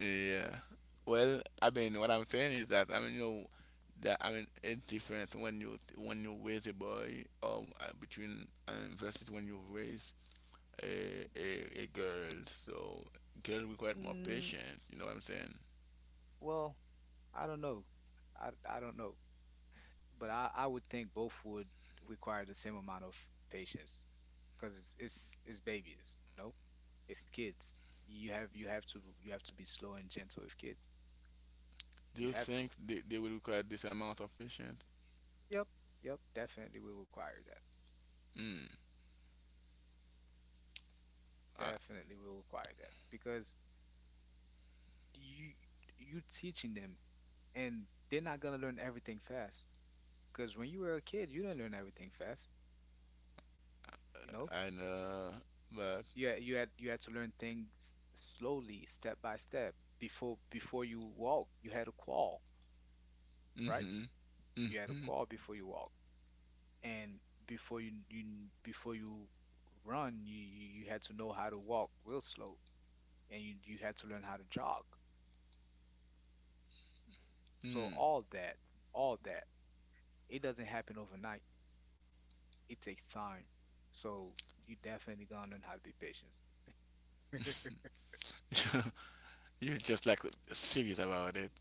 S1: Yeah, well, I mean what I'm saying is that I mean you know that I mean it's different when you raise a boy between versus when you raise a girl, so girl require more patience, you know what I'm saying?
S2: Well, I don't know. I don't know, but I would think both would require the same amount of patience because it's babies, you know, it's kids. You have to be slow and gentle with kids. You
S1: Do you
S2: have to.
S1: think they will require this amount of patience?
S2: Yep, yep, definitely will require that.
S1: Mm. I,
S2: Definitely will require that because you you teaching them and they're not gonna learn everything fast. Because when you were a kid, you didn't learn everything fast, you know
S1: and but
S2: you had to learn things slowly, step by step. Before you walk, you had to crawl, right?
S1: mm-hmm,
S2: You had to
S1: mm-hmm,
S2: crawl before you walk, and before you you before you run, you had to know how to walk real slow, and you had to learn how to jog. So all that, it doesn't happen overnight. It takes time. So you definitely gonna learn how to be patient.
S1: mm. You're just like serious about it.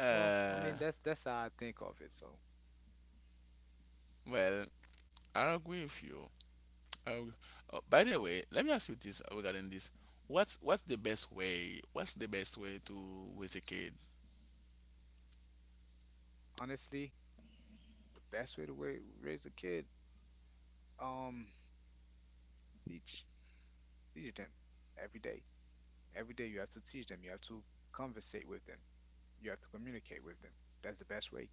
S2: Well, I
S1: uh,
S2: mean that's how I think of it. So
S1: well, I agree with you. I agree. Oh, by the way, let me ask you this regarding this. What's the best way to raise a kid?
S2: honestly, the best way to raise a kid, um, teach teach them every day. Every day you have to teach them. You have to conversate with them. You have to communicate with them. That's the best way.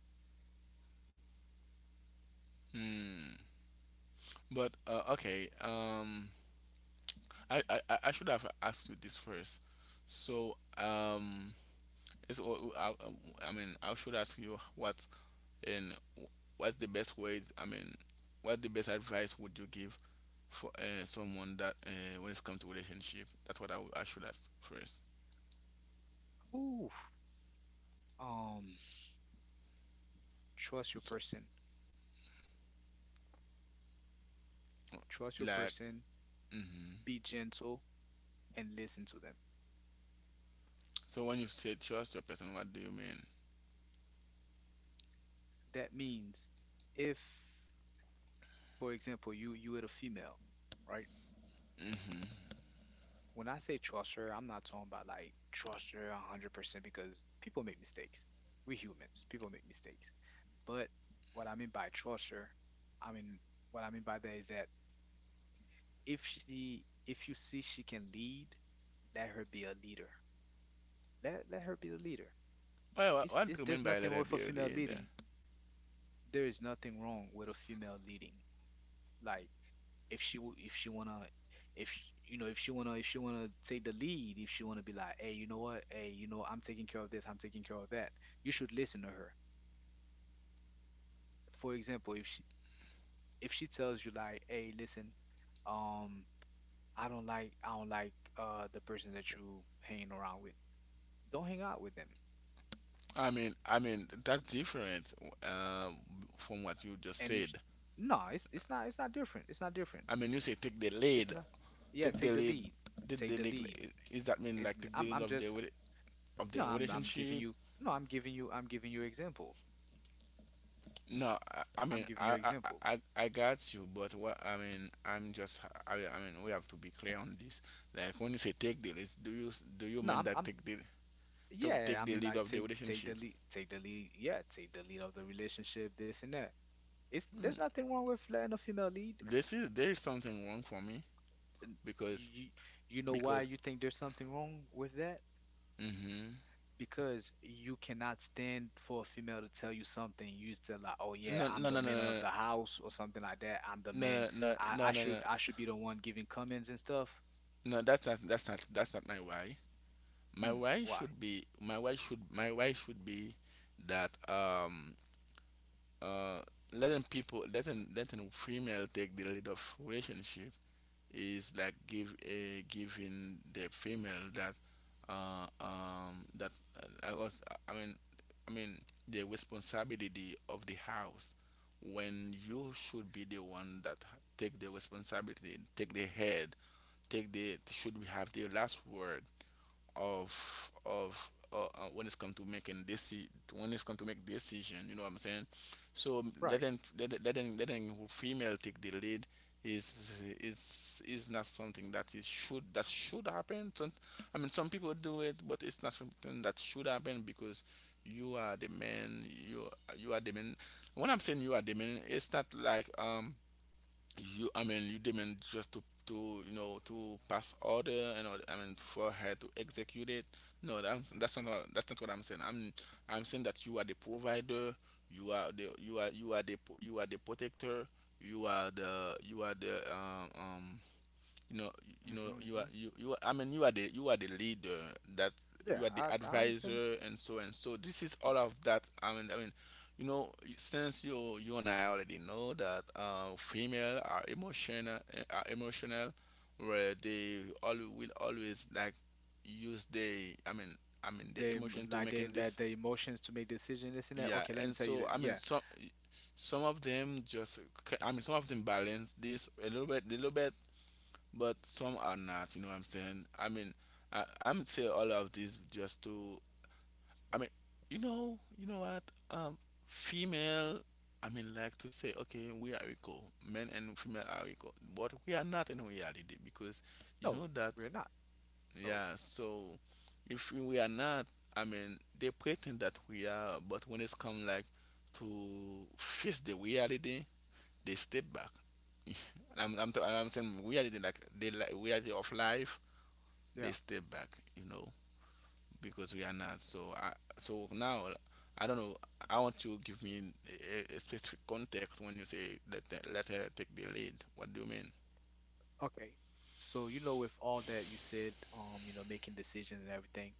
S1: Hmm. But okay. I I should have asked you this first. So it's, I, I mean, I should ask you what. And what's the best way? I mean, what the best advice would you give for someone that when it's come to relationship? That's what I I should ask first.
S2: Ooh, um, trust your
S1: So
S2: person.
S1: uh,
S2: Trust your
S1: like
S2: person.
S1: hmm.
S2: Be gentle and listen to them.
S1: So when you say trust your person, what do you mean?
S2: That means if, for example, you with a female, right?
S1: Hmm.
S2: When I say trust her, I'm not talking about like trust her 100% because people make mistakes. We're humans. People make mistakes. But what I mean by trust her, I mean what I mean by that is that if you see she can lead, let her be a leader. Let her be the leader.
S1: Well, what do you
S2: It's
S1: mean
S2: There's
S1: by a
S2: nothing
S1: little
S2: wrong with a female
S1: bit there?
S2: leading. There is nothing wrong with a female leading. Like if she w- if she wanna if sh- you know if she wanna, take the lead, if she wanna be like, hey, you know what, hey, you know I'm taking care of this, I'm taking care of that. You should listen to her. For example, if she tells you like, hey, listen, um, I don't like the person that you hanging around with. Don't hang out with them.
S1: I mean that's different um, from what you just
S2: And if sh-
S1: said.
S2: No, it's not different. It's not different.
S1: I mean, you say take the
S2: It's
S1: lead,
S2: not. Yeah,
S1: take the
S2: take the
S1: lead.
S2: lead.
S1: Take the
S2: Take the
S1: lead?
S2: lead.
S1: Is that mean
S2: It,
S1: like take the lead
S2: I'm
S1: of the
S2: just
S1: of the
S2: no. I'm giving
S1: relationship?
S2: you no. I'm giving you examples.
S1: No, I
S2: I'm
S1: mean
S2: giving you
S1: I, I
S2: examples.
S1: I I got you, but what I mean I'm just I mean we have to be clear on this. Like when you say take the lead, do you
S2: No,
S1: mean that
S2: I'm
S1: take the. To
S2: yeah.
S1: take
S2: I
S1: the
S2: mean
S1: lead
S2: like
S1: of the
S2: take
S1: relationship?
S2: the lead. Take the lead. Yeah, take the lead of the relationship. This and that. It's There's
S1: Mm,
S2: nothing wrong with letting a female lead.
S1: this is, there is something wrong for me
S2: And
S1: because
S2: You you know why
S1: because
S2: you think there's something wrong with that?
S1: mm-hmm.
S2: Because you cannot stand for a female to tell you something. You still like, oh yeah,
S1: no
S2: I'm
S1: no
S2: the
S1: no
S2: man of the
S1: no
S2: house or something like that. I'm the man.
S1: no no
S2: I
S1: no no no
S2: should
S1: no
S2: I should be the one giving comments and stuff.
S1: No, that's not, that's not my why. My
S2: Mm,
S1: why
S2: why?
S1: should be my why should be that uh, letting people, letting female take the lead of relationship is like give a giving the female that that I was I mean I mean the responsibility of the house when you should be the one that take the responsibility, take the head, take the should have the last word of when it's come to making this, when it's come to make decision, you know what I'm saying? So
S2: Right.
S1: letting female take the lead is not something that is should that should happen. I mean some people do it, but it's not something that should happen because you, you are the man. When I'm saying you are the man, it's not like you, I mean, you demand just to you know, to pass order and all, I mean, for her to execute it. No, that's that's not what I'm saying. I'm saying that you are the provider, you are the, you are the protector, you are the you know, you
S2: Mm-hmm,
S1: know you are
S2: mm-hmm.
S1: you I mean, you are the, you are the leader. That,
S2: Hmm, yeah,
S1: you are the
S2: I understand.
S1: advisor and so and so, this is all of that. I mean, I mean, you know, since you and I already know that female are emotional, are emotional, where they all will always like use the I mean, I mean the emotion to
S2: Like they
S1: making
S2: let
S1: this.
S2: the emotions to make decisions. This and that.
S1: Yeah,
S2: Okay, let me
S1: and
S2: tell you.
S1: so
S2: That,
S1: I mean
S2: yeah.
S1: some of them just I mean some of them balance this a little bit, but some are not. You know what I'm saying? I mean, I'm say all of this just to. I mean, you know what? Um, female. I mean, like to say, okay, we are equal. Men and female are equal, but we are not in reality because you
S2: No,
S1: know that.
S2: we're not. No.
S1: Yeah. So, if we are not, I mean, they pretend that we are, but when it's come like to face the reality, they step back. I'm saying reality like the reality of life, they
S2: Yeah.
S1: step back, you know, because we are not. So so now I don't know. I want you to give me a specific context when you say that, that let her take the lead. What do you mean?
S2: Okay. So you know, with all that you said, you know, making decisions and everything,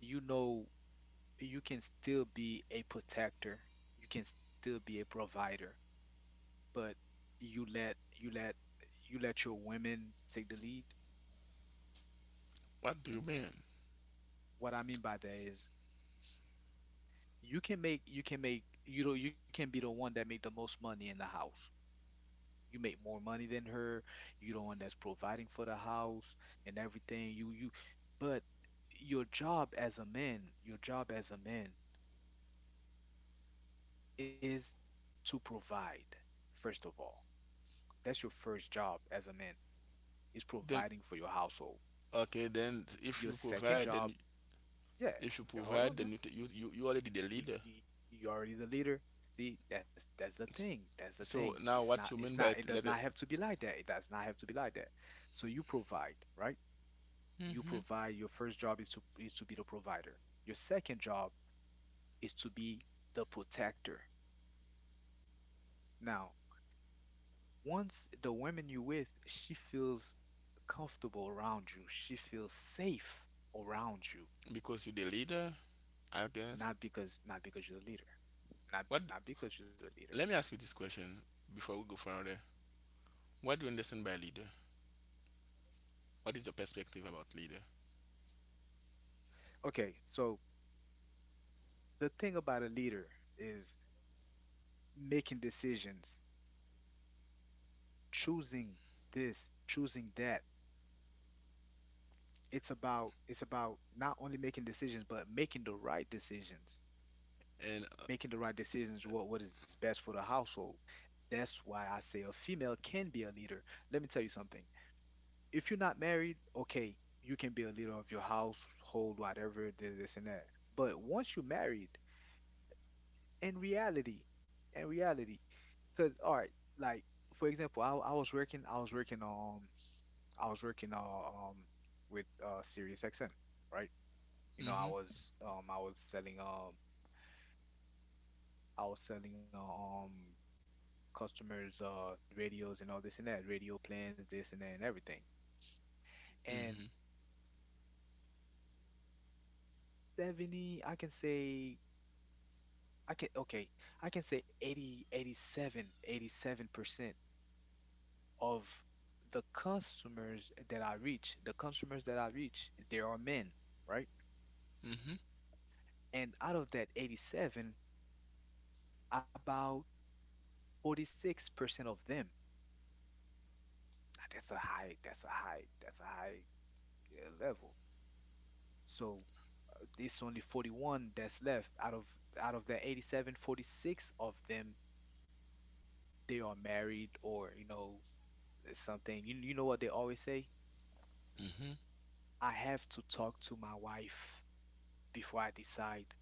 S2: you know you can still be a protector, you can still be a provider, but you let you let you let your women take the lead.
S1: What do you mean?
S2: What I mean by that is you can be the one that make the most money in the house. You make more money than her. You the one that's providing for the house and everything. You But your job as a man, is to provide, first of all. That's your first job as a man, is
S1: Then
S2: providing for your household.
S1: okay, then if
S2: Your
S1: you
S2: second
S1: provide,
S2: job,
S1: then
S2: yeah,
S1: if you
S2: yeah, hold
S1: provide,
S2: on now.
S1: then you you, you already the
S2: You,
S1: leader.
S2: you, you already the leader. See, that's the
S1: S-
S2: thing. That's the thing.
S1: So now what you mean by
S2: It does
S1: let
S2: not
S1: it?
S2: have to be like that. It does not have to be like that. So you provide, right? You
S1: Hmm.
S2: provide. Your first job is to be the provider. Your second job is to be the protector. Now, once the woman you're with, she feels comfortable around you. She feels safe around you,
S1: Because you're the leader, I guess.
S2: not because you're the leader.
S1: What?
S2: Not because you're the leader.
S1: Let me ask you this question before we go further. What do you understand by leader? What is your perspective about leader?
S2: Okay, so the thing about a leader is making decisions, choosing this, choosing that. It's about not only making decisions but making the right decisions.
S1: And
S2: Making the right decisions, what is best for the household. That's why I say a female can be a leader. Let me tell you something. If you're not married, okay, you can be a leader of your household, whatever, this and that. But once you're married, in reality, in reality because all right, like for example, I was working with Sirius XM, right? You know,
S1: mm-hmm.
S2: I was selling customers radios and all this and that, radio plans, this and that and everything. And
S1: Mm-hmm.
S2: 70 i can say i can okay I can say 87% of the customers that I reach, there are men, right?
S1: Mm-hmm.
S2: And out of that 87, about 46% of them, now that's a high level. So it's only 41 that's left out of the 87, 46 of them, they are married or you know something. You know what they always say?
S1: Mm-hmm.
S2: I have to talk to my wife before I decide.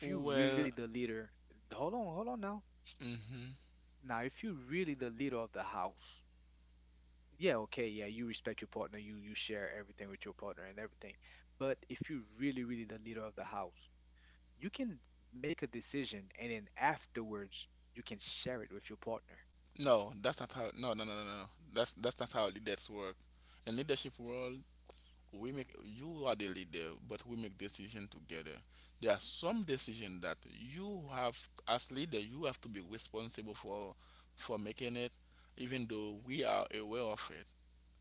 S2: If you
S1: Well,
S2: really the leader, hold on, hold on now.
S1: mm-hmm.
S2: Now, if you really the leader of the house, yeah, okay, yeah, you respect your partner, you share everything with your partner and everything. But if you really, really the leader of the house, you can make a decision and then afterwards you can share it with your partner.
S1: No, that's not how. No, no, no, no, no. no. That's not how leaders work. In leadership world, we make you are the leader, but we make decision together. There are some decision that you have as leader, you have to be responsible for making it, even though we are aware of it.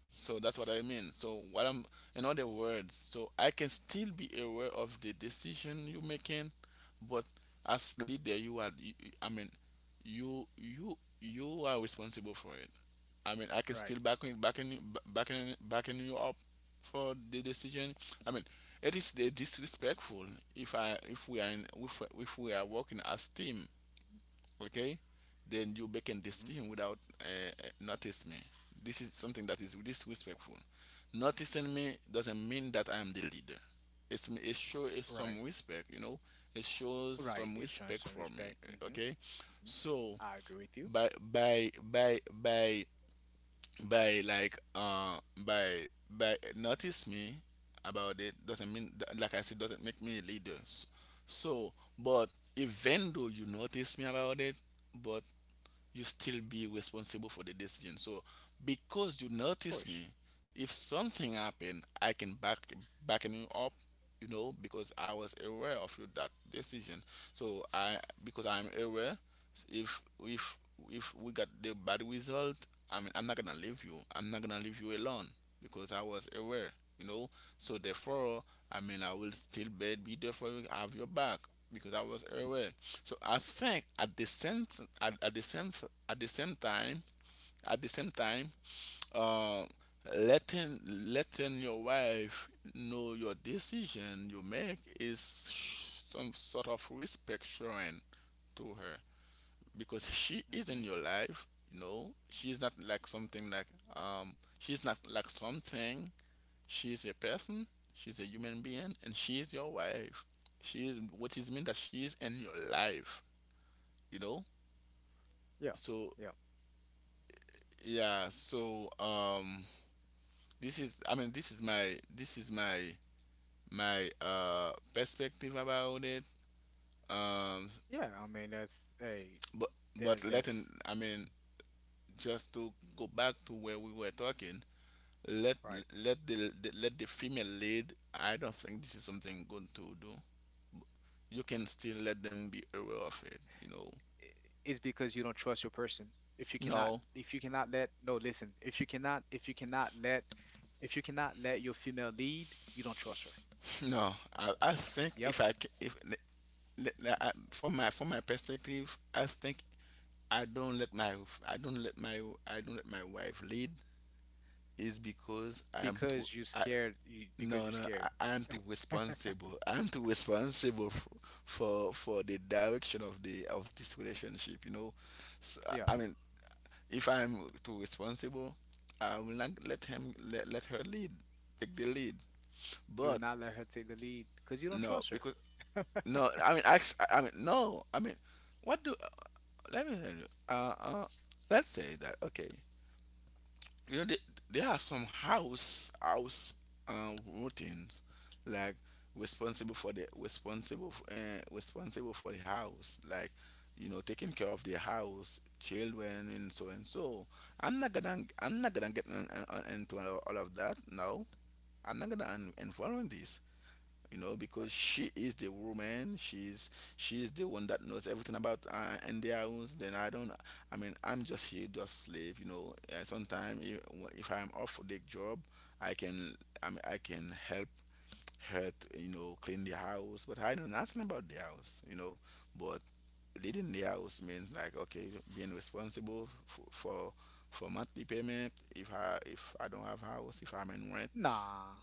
S1: So that's what I mean. So what I'm, in other words, so I can still be aware of the decision you're making, but as leader, you are, I mean, you are responsible for it. I mean, I can
S2: Hmm. Right.
S1: still backing you up for the decision. I mean, it is the disrespectful if I if we are in, if we are working as team, okay, then you're making
S2: Hmm.
S1: decision without notice me. This is something that is disrespectful. Noticing me doesn't mean that I am the leader. It shows
S2: Right.
S1: some respect, you know, it shows
S2: Right.
S1: some
S2: It shows
S1: respect
S2: some
S1: for me.
S2: respect. Hmm.
S1: Okay,
S2: Hmm,
S1: so
S2: I agree with you, of
S1: by by like by notice me about it doesn't mean that, like I said, doesn't make me a leader. So but even though you notice me about it, but you still be responsible for the decision. So because you notice
S2: course.
S1: me, if something happened, I can back backen you up, you know, because I was aware of you that decision. So I because I'm aware, if if if we got the bad result, I mean, I'm not gonna leave you I'm not gonna leave you alone because I was aware, you know. So therefore, I mean, I will still be there for you, have your back because I was aware. So I think at, at the same at the same time at the same time, uh letting your wife know your decision you make is some sort of respect showing to her because she is
S2: Hmm.
S1: in your life, you know, she's not like something like um she's not like something, she's a person, she's a human being and she is your wife. She is what is mean that she is in your life, you know.
S2: Yeah.
S1: So
S2: Yeah.
S1: yeah, so this is I mean this is my my perspective about it. um
S2: Yeah. I mean, that's a
S1: but but letting,
S2: that's
S1: I mean, just to go back to where we were talking, let
S2: right.
S1: let the let the female lead, I don't think this is something good to do. You can still let them be aware of it, you know.
S2: Is because you don't trust your person.
S1: No.
S2: If you cannot let, No, listen, if you cannot let your female lead, you don't trust her.
S1: No, I think
S2: Yep,
S1: if I ca- if le- le- I- from my perspective, I think I don't let my i don't let my I don't let my wife lead is because I am too.
S2: because you're
S1: I,
S2: scared, because
S1: no,
S2: you're
S1: no,
S2: scared.
S1: I am too responsible. I am too responsible for, for the direction of the of this relationship. You know, so,
S2: Yeah,
S1: I mean, if I am too responsible, I will not let, let her lead, take the lead.
S2: you will
S1: But
S2: not let her take the lead because you don't
S1: no,
S2: trust her.
S1: because no, I mean, ask, I mean, no, I mean, what do? Let me tell you. Let's say that, okay. You know, there are some house routines like responsible for the responsible for the house, like, you know, taking care of the house, children, and so and so. I'm not gonna get into all of that. No, I'm not gonna involve in this, you know,
S2: Right.
S1: because she is the woman, she's the one that knows everything about India rules, then I don't, I mean, I'm just here just slave, you know. Sometimes if I'm off for the job, I can, I mean, I can help her to, you know, clean the house, but I know nothing about the house, you know. But leading the house means like, okay, being responsible for monthly payment. If I if I don't have house, if I'm in rent,
S2: Nah,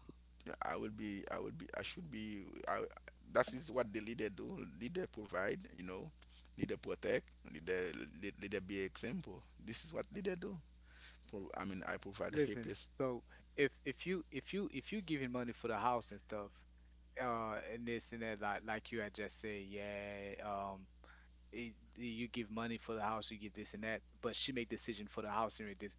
S1: I should be. I, that is what the leader do. Leader provide, you know. Leader protect. Leader be example. This is what leader do. I mean, I provide a
S2: listen.
S1: place.
S2: So if you giving money for the house and stuff, and this and that, like you had just said, yeah, um, eh, you give money for the house, you give this and that, but she make decision for the house and this.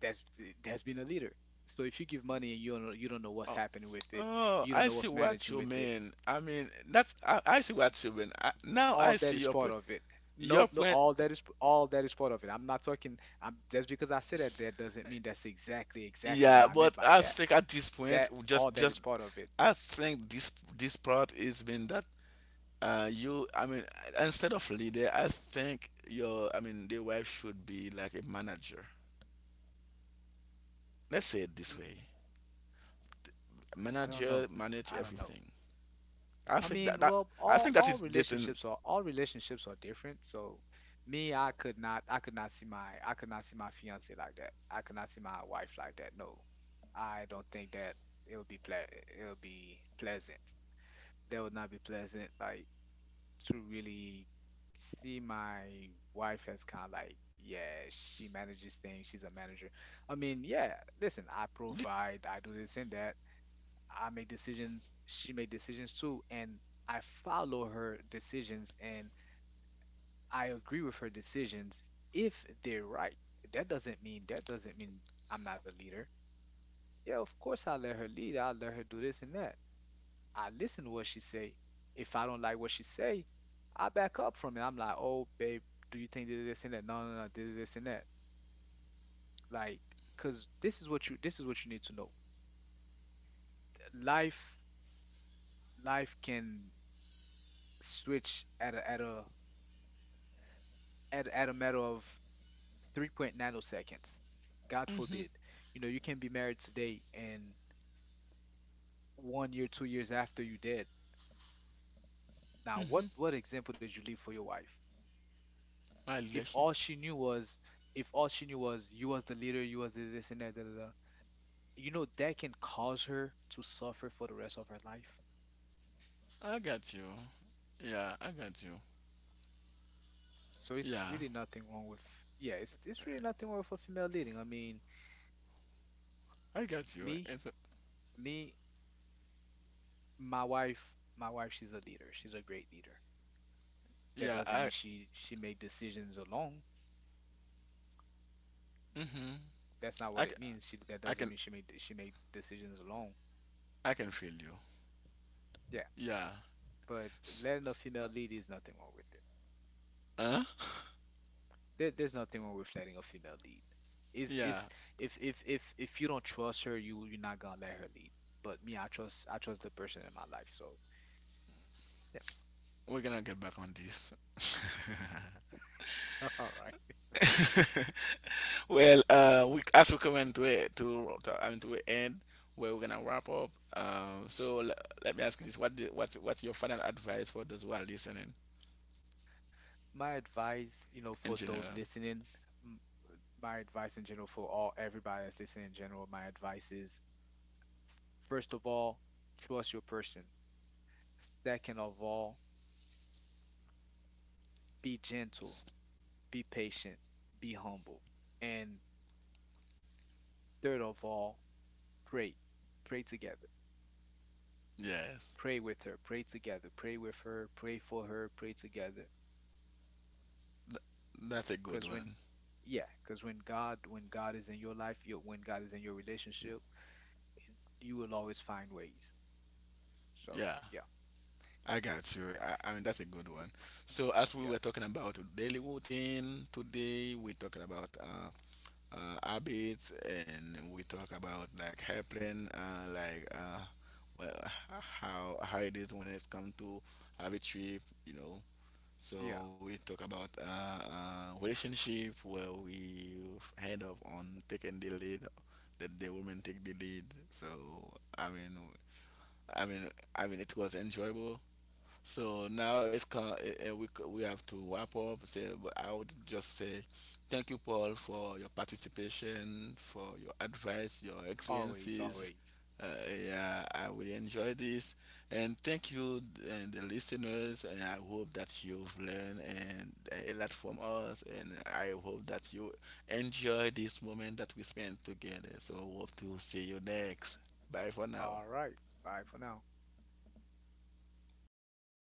S2: That's that's being a leader. So if you give money and you don't know what's
S1: Oh,
S2: happening with it,
S1: oh,
S2: you don't
S1: I
S2: know
S1: see
S2: what's
S1: what
S2: managing
S1: you
S2: with it,
S1: mean. I mean, that's I see what you mean. I, now I
S2: all
S1: see
S2: that is
S1: your
S2: part
S1: point.
S2: of it.
S1: Your
S2: No, no,
S1: point,
S2: all that is part of it. I'm not talking. Just because I said that, that doesn't mean that's exactly what I
S1: yeah.
S2: meant
S1: But
S2: by
S1: I
S2: that.
S1: think at this
S2: That
S1: point, we
S2: all that is
S1: just
S2: part of it.
S1: I think this this part is been that, you, I mean, instead of leader, I think your, I mean, the wife should be like a manager, let's say it
S2: Mm,
S1: this way.
S2: I don't
S1: Manager
S2: know.
S1: manage
S2: I don't know.
S1: everything. i
S2: I
S1: think that
S2: mean,
S1: that
S2: well,
S1: I think that
S2: all
S1: is this in
S2: relationships are different. So me, I could not see my fiance like that. I could not see my wife like that. No. I don't think that it would be pleasant. That would not be pleasant, like to really see my wife as kind of like, yeah, she manages things, she's a manager. I mean, yeah, listen, I
S1: thi-
S2: provide, I do this and that. I make decisions, she make decisions too, and I follow her decisions and I agree with her decisions if they're right. That doesn't mean I'm not a leader. Yeah, of course I let her lead. I let her do this and that. I listen to what she say. If I don't like what she say, I back up from it. I'm like, oh babe, do you think this, this and that? No, no, no, this and that. Like, cause this is what you need to know. Life life can switch at a matter of three point nanoseconds. God forbid. You know, you can be married today and 1 year, 2 years after you dead. Now, what example did you leave for your wife?
S1: my
S2: If
S1: leadership.
S2: all she knew was, If all she knew was you was the leader, you was this, this and that, da, da, da, you know, that can cause her to suffer for the rest of her life.
S1: I got you, yeah, I got you.
S2: So it's
S1: Yeah,
S2: really nothing wrong with, Yeah, it's really nothing wrong with a female leading. I mean,
S1: I got you,
S2: me,
S1: it's a,
S2: me, my wife, she's a leader. She's a great leader. That
S1: yeah,
S2: doesn't
S1: I,
S2: mean she made decisions alone.
S1: mm-hmm.
S2: That's not
S1: I,
S2: what
S1: c-
S2: it means. She That
S1: I
S2: doesn't
S1: can,
S2: mean she made decisions alone.
S1: I can feel you,
S2: Yeah,
S1: yeah.
S2: but
S1: S-
S2: letting a female lead is nothing wrong with it.
S1: huh,
S2: There's nothing wrong with letting a female lead.
S1: yeah.
S2: Is If you don't trust her, you're not gonna let her lead. But me, I trust the person in my life. So yeah.
S1: We're gonna get back on this.
S2: All right.
S1: Well, we as we come into it to, I mean, to an end, where we're gonna wrap up. Um, so l- Let me ask you this: what the, what's your final advice for those who are listening
S2: My advice, you know,
S1: in
S2: for those
S1: general?
S2: listening, m- my advice in general for all everybody that's listening in general, my advice is first of all, trust your person. Second of all, be gentle, be patient, be humble. And third of all, pray. Pray together.
S1: Yes,
S2: Pray with her, pray together, pray with her, pray for her, pray together.
S1: th- that's a good
S2: Because when,
S1: one.
S2: yeah, because when God is in your life, when God is in your relationship, you will always find ways. So,
S1: Yeah,
S2: yeah,
S1: I got you. I mean, that's a good one. So as we
S2: yeah,
S1: were talking about daily routine today, we're talking about habits, and we talk about like helping well, how it is when it's come to have a trip, you know.
S2: yeah,
S1: So we talk about relationship where we hand off on taking the lead, that the women take the lead. So i mean i mean I mean, it was enjoyable. So now we we have to wrap up. Say, but I would just say thank you, Paul, for your participation, for your advice, your
S2: always,
S1: experiences.
S2: always.
S1: Uh, yeah, I really enjoy this, and thank you and the listeners. And I hope that you've learned and a lot from us. And I hope that you enjoy this moment that we spent together. So hope to see you next. Bye for now.
S2: All right. Bye for now.